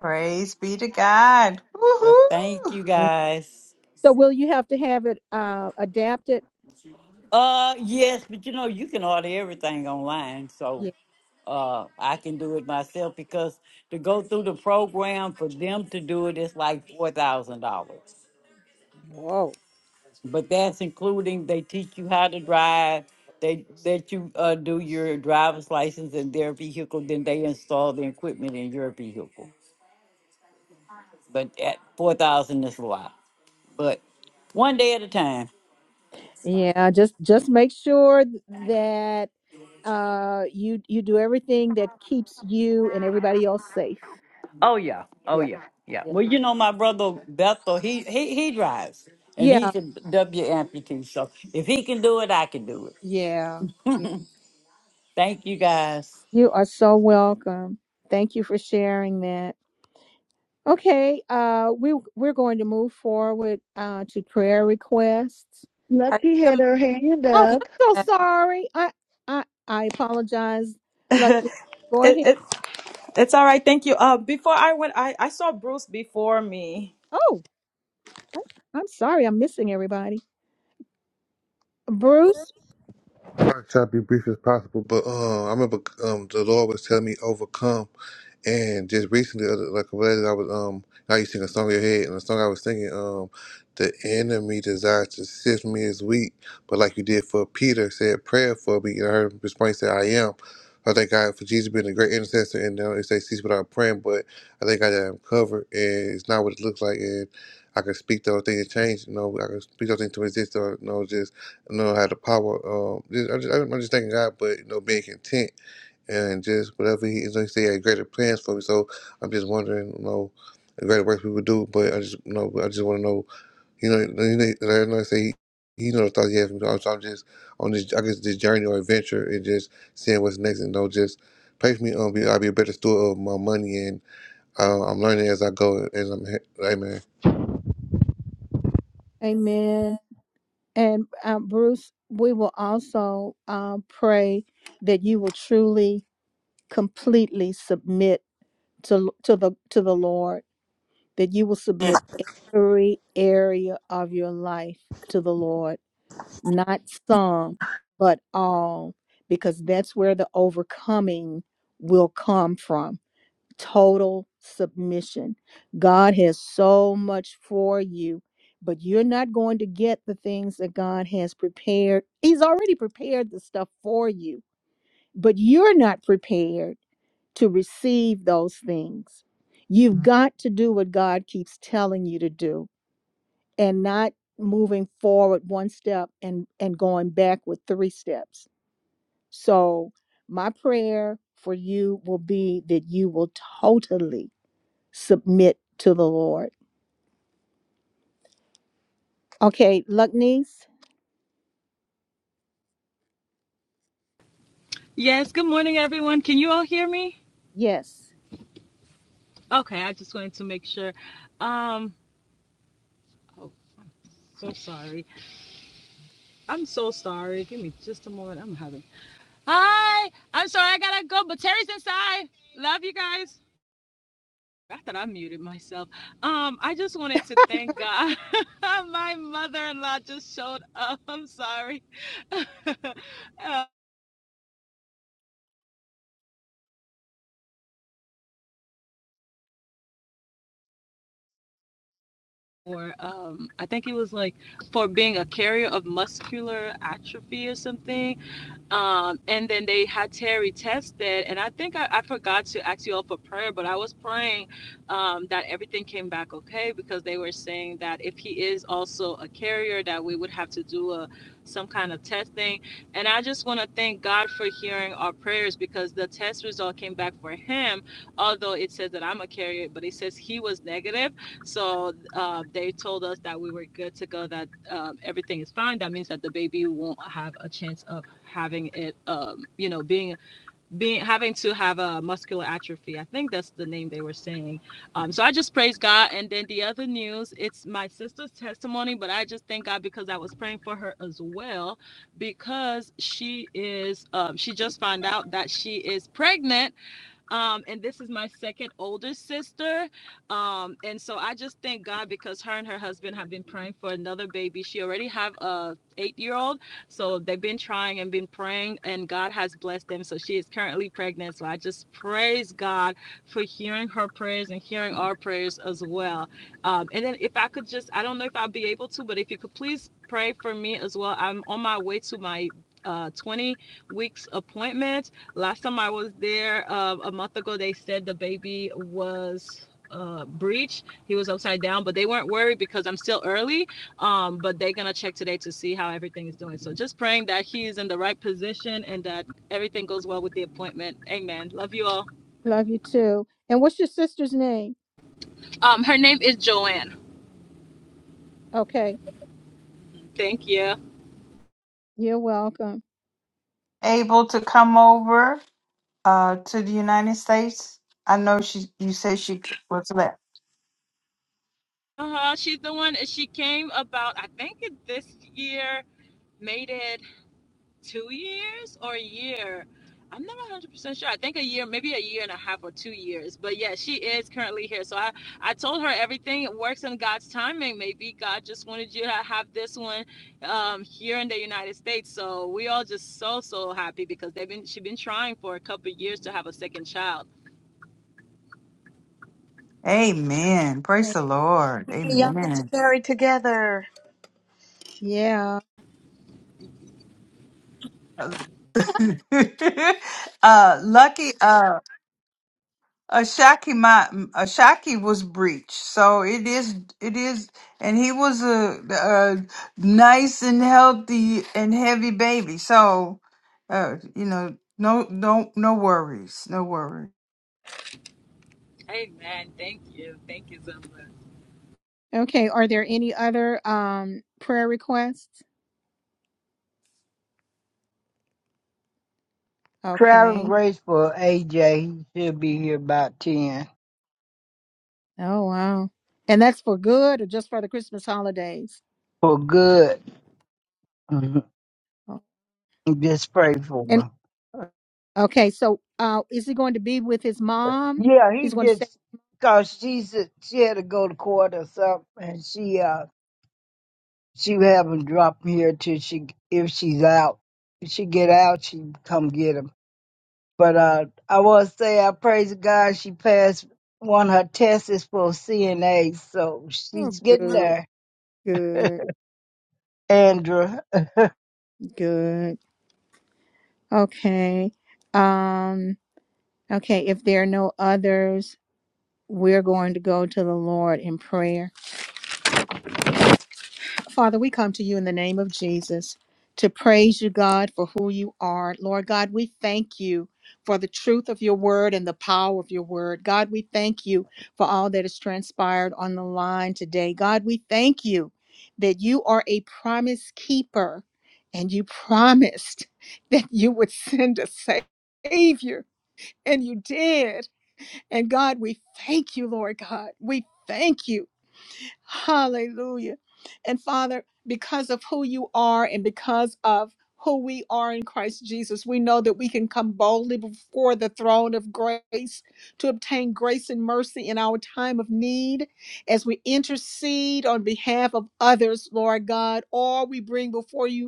Praise be to God.
Uh,
Woohoo!
Thank you guys.
So will you have to have it uh, adapted
Uh yes, but you know you can order everything online, so uh I can do it myself because to go through the program for them to do it is like four thousand dollars.
Whoa.
But that's including they teach you how to drive. They let you uh, do your driver's license in their vehicle. Then they install the equipment in your vehicle. But at four thousand is a lot. But one day at a time.
Yeah, just just make sure th- that uh you you do everything that keeps you and everybody else safe.
Oh yeah. Oh
Yeah.
yeah. Yeah.
Yeah.
Well, you know my brother Bethel. He he he drives, and
Yeah,
he's a W amputee. So if he can do it, I can do it.
Yeah. Yeah.
Thank you guys.
you are so welcome. Thank you for sharing that. Okay, uh we we're going to move forward uh to prayer requests.
I
Lucky had
am.
her hand
Oh, I'm
up.
so sorry. I I I apologize. Look,
it,
go ahead.
it, it's all right. Thank you. Uh, before I went, I, I saw Bruce before me.
Oh, I'm sorry. I'm missing everybody. Bruce.
I'll try to be brief as possible, but um, I remember um, the Lord was telling me overcome, and just recently, uh, like a related, I was um, I used to sing a song in your head, and the song I was singing um, the enemy desires to sift me as wheat, but like you did for Peter, said prayer for me, and I heard him respond, he said, I am. I thank God for Jesus being a great intercessor, and now it says cease without praying, but I think I am covered, and it's not what it looks like, and I can speak those things to change, you know, I can speak those things to exist, or you know, just you know how the power. Um, just, I just, I'm just thanking God, but you know, being content and just whatever He is, like say, had greater plans for me. So I'm just wondering, you know, the greater works we would do. But I just, you know, I just want to know, you know, you know, like I know I say. He, he knows the thoughts he has for me. So I'm so I'm just on this, I guess, this journey or adventure, and just seeing what's next, and you know, just pray for me. Um, be, I'll be a better steward of my money, and uh, I'm learning as I go. As I'm, he- Amen.
Amen. And um, Bruce, we will also um, pray that you will truly, completely submit to to the to the Lord. That you will submit every area of your life to the Lord, not some, but all, because that's where the overcoming will come from total submission. God has so much for you, but you're not going to get the things that God has prepared. He's already prepared the stuff for you, but you're not prepared to receive those things. You've Mhm. got to do what God keeps telling you to do and not moving forward one step and and going back with three steps. So, my prayer for you will be that you will totally submit to the Lord. Okay, Lucknees,
Yes, good morning, everyone. Can you all hear me?
yes,
Okay, I just wanted to make sure. Um, oh, so sorry. I'm so sorry. Give me just a moment. I'm having. Hi, I'm sorry. I gotta go, but Terry's inside. Love you guys. I thought I muted myself. Um, I just wanted to thank God. My mother-in-law just showed up. I'm sorry. uh, for um I think it was like for being a carrier of muscular atrophy or something. Um and then they had Terry tested and I think I, I forgot to ask you all for prayer, but I was praying um that everything came back okay because they were saying that if he is also a carrier that we would have to do a some kind of testing. And I just want to thank God for hearing our prayers because the test result came back for him, although it says that I'm a carrier, but it says he was negative so uh, they told us that we were good to go, that um, everything is fine. That means that the baby won't have a chance of having it, um, you know, being being having to have a muscular atrophy. I think that's the name they were saying. Um, so I just praise God. And then the other news, it's my sister's testimony, but I just thank God because I was praying for her as well because she is um, she just found out that she is pregnant um, and this is my second oldest sister. Um, and so I just thank God because her and her husband have been praying for another baby. She already have a eight year old. So they've been trying and been praying and God has blessed them. So she is currently pregnant. So I just praise God for hearing her prayers and hearing our prayers as well. Um, and then if I could just, I don't know if I'll be able to, but if you could please pray for me as well. I'm on my way to my uh, 20 weeks appointment. Last time I was there uh, a month ago, they said the baby was uh, breached. He was upside down, but they weren't worried because I'm still early. Um, but they're gonna check today to see how everything is doing. So just praying that he is in the right position and that everything goes well with the appointment. Amen. Love you all.
love you too. And what's your sister's name?
Um, her name is Joanne.
Okay,
Thank you.
you're welcome.
Able to come over uh, to the United States. I know she. You said she was left.
Uh huh. She's the one. She came about I think it this year. Made it two years or a year. I'm not 100 percent sure. I think a year, maybe a year and a half or two years. But yeah, she is currently here. So I, I told her everything works in God's timing. Maybe God just wanted you to have this one um, here in the United States. So we all just so so happy because they've been she's been trying for a couple of years to have a second child.
Amen. Praise the Lord.
Hey, Y'all get to
Amen.
carry together.
Yeah.
uh, lucky. Uh, Ashaki my Ashaki was breached, so it is it is, and he was a, a nice and healthy and heavy baby. So, uh, you know, no no no worries, no worries.
Amen. Thank you. Thank you so much.
Okay, are there any other um prayer requests?
Traveling
Okay.
grace for AJ. He'll be here about 10
Oh wow. And that's for good or just for the Christmas holidays?
for good. Mhm.
Oh,
Just pray for
And
him.
okay, so uh is he going to be with his mom?
Yeah, he
He's going to stay
just, because she, she had to go to court or something. And she, uh, She would have him drop 'em here till she, if she's out. If she get out, she come get him. But uh, I will say, I praise God she passed one of her tests for CNA, so
Oh
she's getting
good,
there.
good,
Andrew,
good. Okay. Um okay, if there are no others, we're going to go to the Lord in prayer. Father, we come to you in the name of Jesus to praise you, God, for who you are. Lord God, we thank you for the truth of your word and the power of your word. God, we thank you for all that has transpired on the line today. God, we thank you that you are a promise keeper and you promised that you would send a savior. And you did. And God, we thank you, Lord God. We thank you Hallelujah. And Father, because of who you are and because of who we are in Christ Jesus, we know that we can come boldly before the throne of grace to obtain grace and mercy in our time of need as we intercede on behalf of others, Lord God, or we bring before you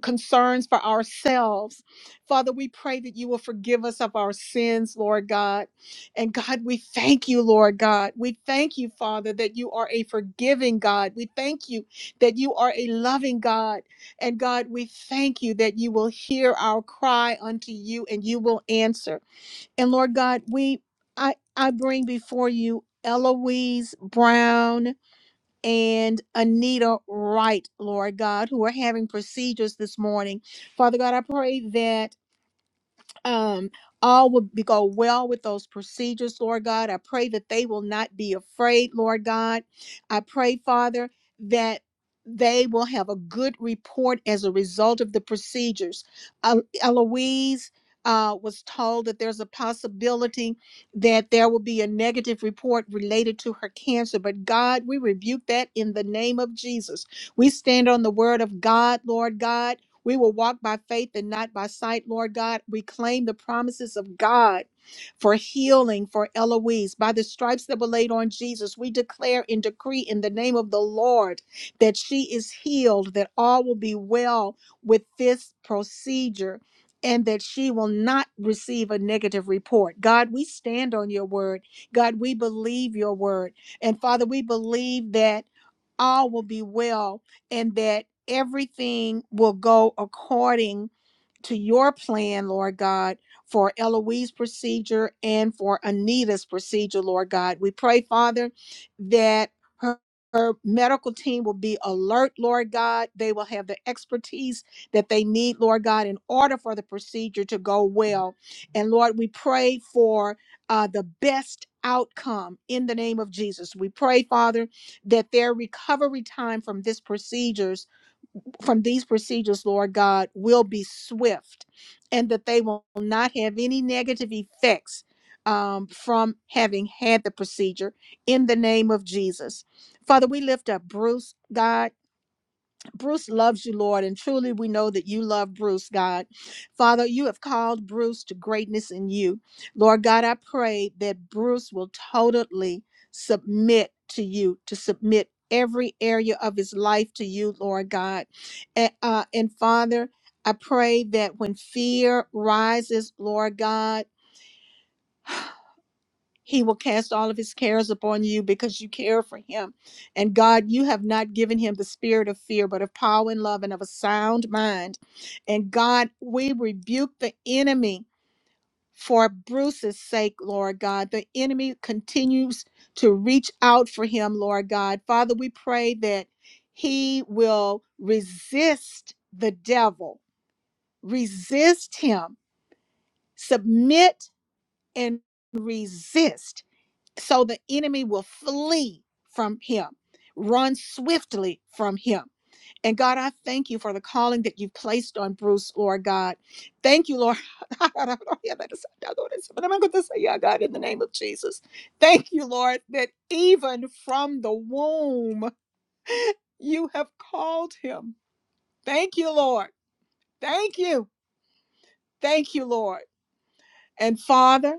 concerns for ourselves. Father, we pray that you will forgive us of our sins, Lord God. And God, we thank you, Lord God. We thank you, Father, that you are a forgiving God. We thank you that you are a loving God. And God, we thank you that you will hear our cry unto you and you will answer. And Lord God, we I I bring before you Eloise Brown and Anita Wright, Lord God, who are having procedures this morning. Father God, I pray that um, all will be, go well with those procedures, Lord God. I pray that they will not be afraid, Lord God. I pray, Father, that they will have a good report as a result of the procedures. Uh, Eloise uh, was told that there's a possibility that there will be a negative report related to her cancer, but God, we rebuke that in the name of Jesus. We stand on the word of God, Lord God we will walk by faith and not by sight, Lord God. We claim the promises of God for healing for Eloise. By the stripes that were laid on Jesus, we declare and decree in the name of the Lord that she is healed, that all will be well with this procedure. And that she will not receive a negative report. God, we stand on your word. God, we believe your word. And Father, we believe that all will be well and that everything will go according to your plan, Lord God, for Eloise's procedure and for Anita's procedure, Lord God. We pray, Father, that her her medical team will be alert, Lord God. They will have the expertise that they need, Lord God, in order for the procedure to go well. And Lord, we pray for uh, the best outcome in the name of Jesus. We pray, Father, that their recovery time from this procedure from these procedures, Lord God, will be swift and that they will not have any negative effects um, from having had the procedure in the name of Jesus. Father, we lift up Bruce, God. Bruce loves you, Lord, and truly we know that you love Bruce, God. Father, you have called Bruce to greatness in you. Lord God, I pray that Bruce will totally submit to you, to submit every area of his life to you, Lord God. And, uh, and Father, I pray that when fear rises, Lord God, He will cast all of his cares upon you because you care for him. And God, you have not given him the spirit of fear, but of power and love and of a sound mind. And God, we rebuke the enemy for Bruce's sake, Lord God. The enemy continues to reach out for him, Lord God. Father, we pray that he will resist the devil, resist him, submit and resist so the enemy will flee from him, run swiftly from him. And God, I thank you for the calling that you've placed on Bruce, Lord God. Thank you, Lord. But I'm going to say, yeah, God, in the name of Jesus. Thank you, Lord, that even from the womb, you have called him. Thank you, Lord. Thank you. Thank you, Lord. And Father,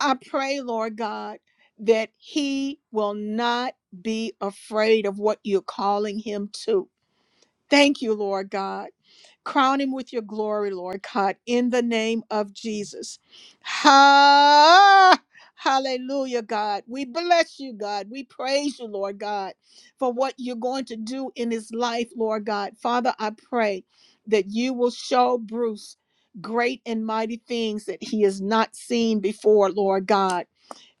I pray, Lord God, that he will not be afraid of what you're calling him to. Thank you, Lord God. Crown him with your glory, Lord God, in the name of Jesus. Ha! Hallelujah, God. We bless you, God. We praise you, Lord God, for what you're going to do in his life, Lord God. Father, I pray that you will show Bruce great and mighty things that he has not seen before, Lord God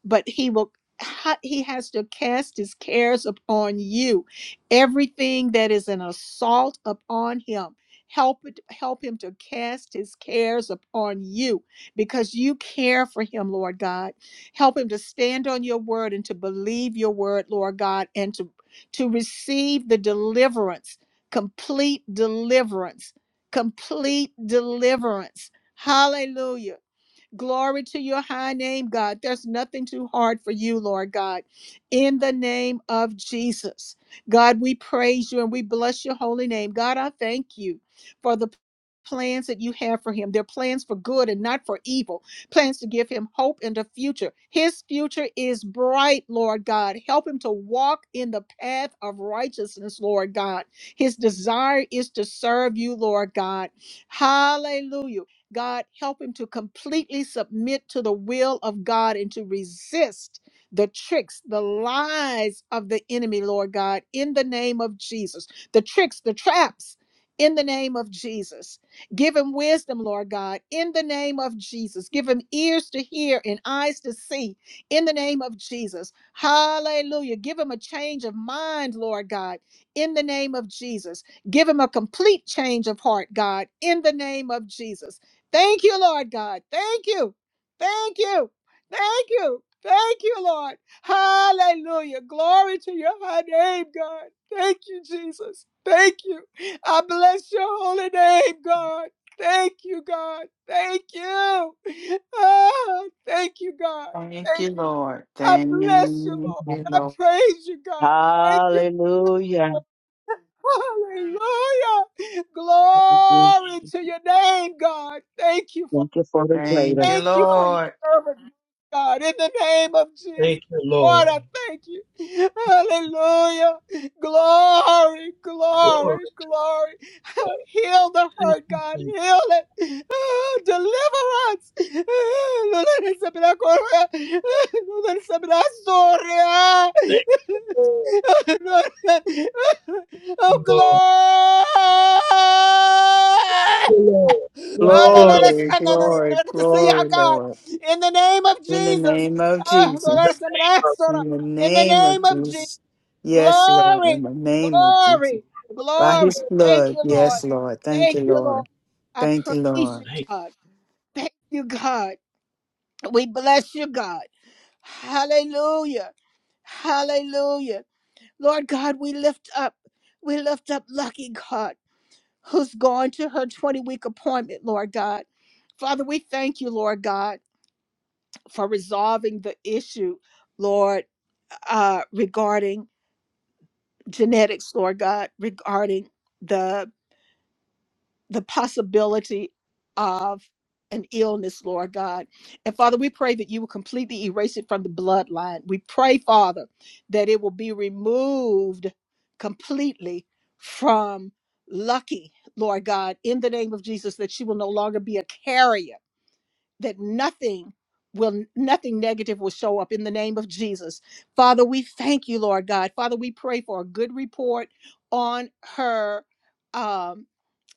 but he will ha- he has to cast his cares upon you everything that is an assault upon him help it, help him to cast his cares upon you because you care for him lord god help him to stand on your word and to believe your word lord god and to to receive the deliverance complete deliverance complete deliverance hallelujah Glory to your high name, God. There's nothing too hard for you, Lord God. In the name of Jesus, God, we praise you and we bless your holy name. God, I thank you for the plans that you have for him. They're plans for good and not for evil, plans to give him hope in the future. His future is bright, Lord God. Help him to walk in the path of righteousness, Lord God. His desire is to serve you, Lord God. Hallelujah. God, help him to completely submit to the will of God and to resist the tricks, the lies of the enemy, Lord God, in the name of Jesus. The tricks, the traps, in the name of Jesus. Give him wisdom, Lord God, in the name of Jesus. Give him ears to hear and eyes to see, in the name of Jesus. Hallelujah. Give him a change of mind, Lord God, in the name of Jesus. Give him a complete change of heart, God, in the name of Jesus. Thank you, Lord God. Thank you. Thank you. Thank you. Thank you, Lord. Hallelujah. Glory to your high name, God. Thank you, Jesus. Thank you. I bless your holy name, God. Thank you, God. Thank you. Ah, thank you, God.
Thank you,
Thank you.
Lord.
I
Thank
bless you,
you,
Lord. I
Lord.
praise you, God. Thank you.
Hallelujah.
Hallelujah. Glory to your name, God. Thank you, Father.
Thank you for the
Thank
greater.
you,
Thank you for your
Lord.
servant, God, in the name of Jesus.
Thank you,
Lord,
Lord.
I thank you. Hallelujah. Glory,
Glory
glory, glory.
to God.
Heal the
Thank
hurt,
you,
God.
Jesus.
Heal it. Oh, Deliver us. Oh, no le recibe correa. No le recibe la
Thank you,
Oh,
Lord.
glory.
Thank you, Lord. Thank
Oh, no,
you,
no, no,
Lord.
Glory,
no, no, no, no, no, no,
glory,
no, to see how
glory,
God,
Lord.
in the name of
In the
Jesus,
name of
oh, Lord,
Jesus.
I'm gonna ask, Lord,
In the
in the
name of
name of Jesus,
Jesus. Yes, Lord. In
glory,
the name of Jesus.
glory,
By
glory.
his
Thank
blood.
you, Lord.
Jesus.
Yes, Lord. Thank you,
Thank you, Lord.
Lord.
I
Thank you,
praise you,
Thank
Lord.
you.
God. Thank you, God. We bless you, God. Hallelujah. Hallelujah. Lord God, we lift up, we lift up Lucky God who's going to her 20 week appointment, Lord God. Father, we thank you, Lord God, for resolving the issue, Lord, uh, regarding genetics, Lord God, regarding the the possibility of an illness, Lord God. And Father, we pray that you will completely erase it from the bloodline. We pray, Father, that it will be removed completely from Lucky, Lord God, in the name of Jesus, that she will no longer be a carrier, that nothing will nothing negative will show up in the name of Jesus. Father, we thank you, Lord God. Father, we pray for a good report on her um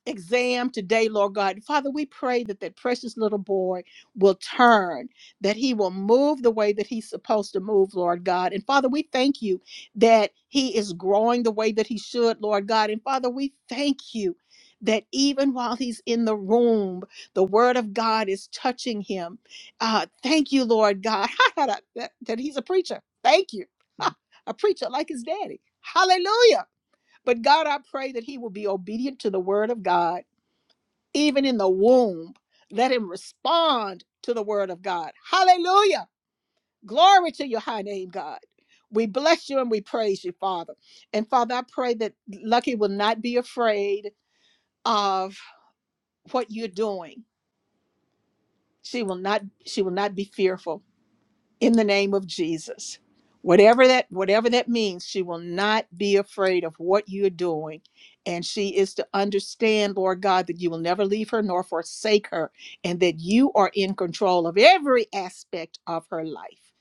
exam today, Lord God. Father, we pray that that precious little boy will turn, that he will move the way that he's supposed to move, Lord God. And Father, we thank you that he is growing the way that he should, Lord God. And Father, we thank you that even while he's in the room, the word of God is touching him. Uh, thank you, Lord God, that, that he's a preacher. Thank you. a preacher like his daddy. Hallelujah. But God, I pray that he will be obedient to the word of God even in the womb. Let him respond to the word of God. Hallelujah. Glory to your high name, God. We bless you and we praise you, Father. And Father, I pray that Lucky will not be afraid of what you're doing. She will not she will not be fearful in the name of Jesus. Whatever that whatever that means, she will not be afraid of what you're doing. And she is to understand, Lord God, that you will never leave her nor forsake her, and that you are in control of every aspect of her life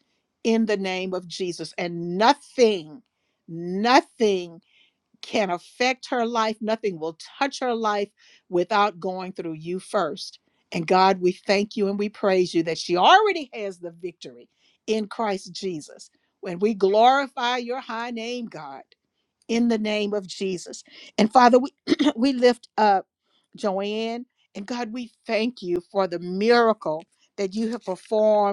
in the name of Jesus. And nothing, nothing can affect her life. Nothing will touch her life without going through you first. And God, we thank you and we praise you that she already has the victory in Christ Jesus. When we glorify your high name, God, in the name of Jesus. And Father, we, we lift up Joanne. And God, we thank you for the miracle that you have performed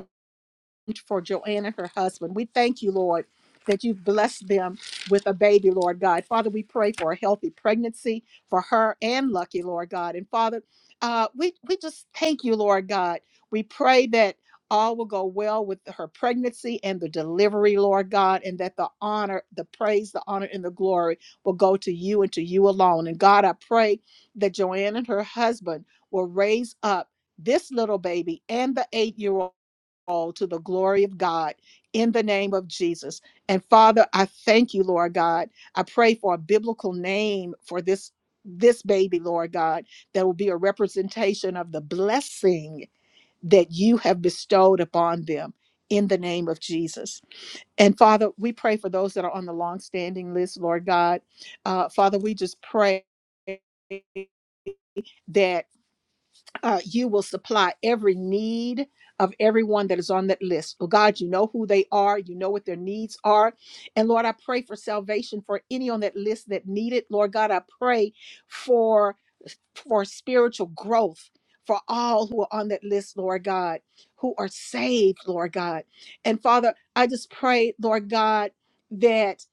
for Joanne and her husband. We thank you, Lord, that you've blessed them with a baby, Lord God. Father, we pray for a healthy pregnancy for her and Lucky, Lord God. And Father, uh, we, we just thank you, Lord God. We pray that all will go well with her pregnancy and the delivery, Lord God, and that the honor, the praise, the honor, and the glory will go to you and to you alone. And God, I pray that Joanne and her husband will raise up this little baby and the eight year old all to the glory of God in the name of Jesus. And Father, I thank you, Lord God. I pray for a biblical name for this this baby, Lord God, that will be a representation of the blessing that you have bestowed upon them in the name of Jesus. And Father, we pray for those that are on the long-standing list, Lord God. Uh, Father, we just pray that uh, you will supply every need of everyone that is on that list. Oh God, you know who they are, you know what their needs are. And Lord, I pray for salvation for any on that list that need it. Lord God, I pray for for spiritual growth for all who are on that list, Lord God, who are saved, Lord God. And Father, I just pray, Lord God, that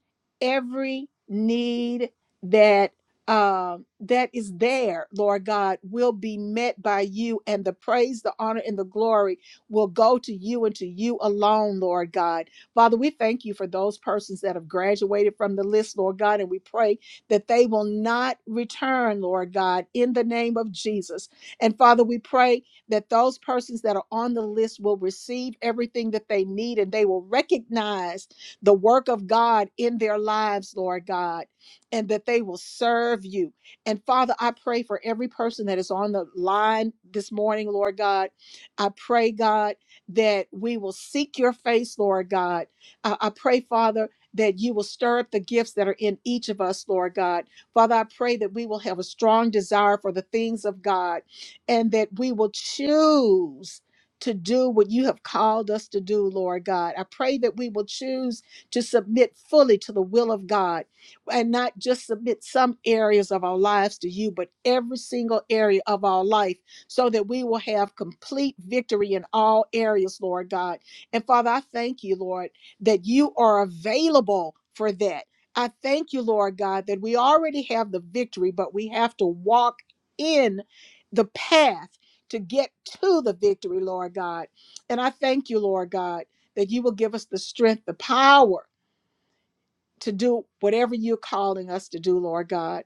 every need that um, that is there, Lord God, will be met by you, and the praise, the honor, and the glory will go to you and to you alone, Lord God. Father, we thank you for those persons that have graduated from the list, Lord God, and we pray that they will not return, Lord God, in the name of Jesus. And Father, we pray that those persons that are on the list will receive everything that they need and they will recognize the work of God in their lives, Lord God, and that they will serve you. And Father, I pray for every person that is on the line this morning, Lord God. I pray, God, that we will seek your face, Lord God. I, I pray, Father that you will stir up the gifts that are in each of us, Lord God. Father, I pray that we will have a strong desire for the things of God and that we will choose to do what you have called us to do, Lord God. I pray that we will choose to submit fully to the will of God and not just submit some areas of our lives to you, but every single area of our life so that we will have complete victory in all areas, Lord God. And Father, I thank you, Lord that you are available for that. I thank you, Lord God, that we already have the victory, but we have to walk in the path to get to the victory, Lord God. And I thank you, Lord God, that you will give us the strength, the power to do whatever you're calling us to do, Lord God.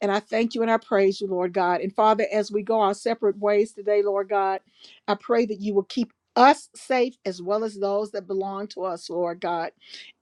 And I thank you and I praise you, Lord God. And Father, as we go our separate ways today, Lord God, I pray that you will keep us safe as well as those that belong to us, Lord God.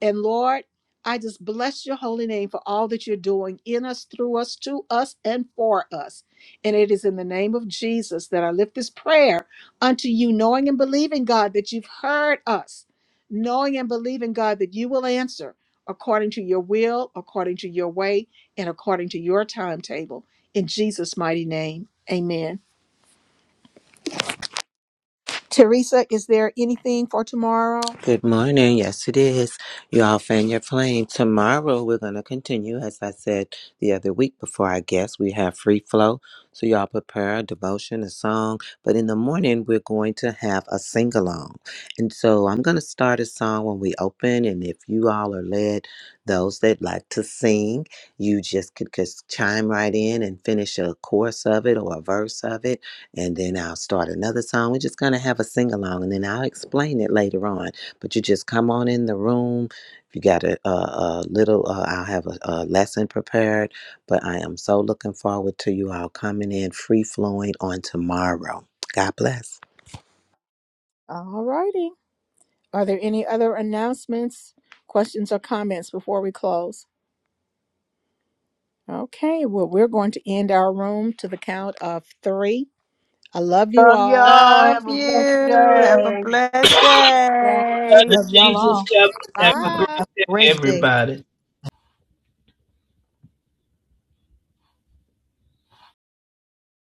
And Lord, I just bless your holy name for all that you're doing in us, through us, to us, and for us. And it is in the name of Jesus that I lift this prayer unto you, knowing and believing, God, that you've heard us, knowing and believing, God, that you will answer according to your will, according to your way, and according to your timetable. In Jesus' mighty name, amen. Teresa, is there anything for tomorrow?
Good morning. Yes, it is. You all fan your flame. Tomorrow we're going to continue, as I said the other week before I guess. We have free flow. So y'all prepare a devotion, a song. But in the morning, we're going to have a sing along. And so I'm going to start a song when we open. And if you all are led, those that like to sing, you just could just chime right in and finish a chorus of it or a verse of it. And then I'll start another song. We're just going to have a sing along. And then I'll explain it later on but you just come on in the room. If you got a, a, a little, uh, I'll have a, a lesson prepared. But I am so looking forward to you all coming in free flowing on tomorrow. God bless.
All righty. Are there any other announcements, questions, or comments before we close? Okay, well, we're going to end our room to the count of three. I love you
love
all.
y'all. Have
Love
a blessed
you. Have a
day.
blessed
One,
Blood
day.
of
Love y'all
Jesus
all.
covers. Have a great day,
bye.
Great day.
everybody.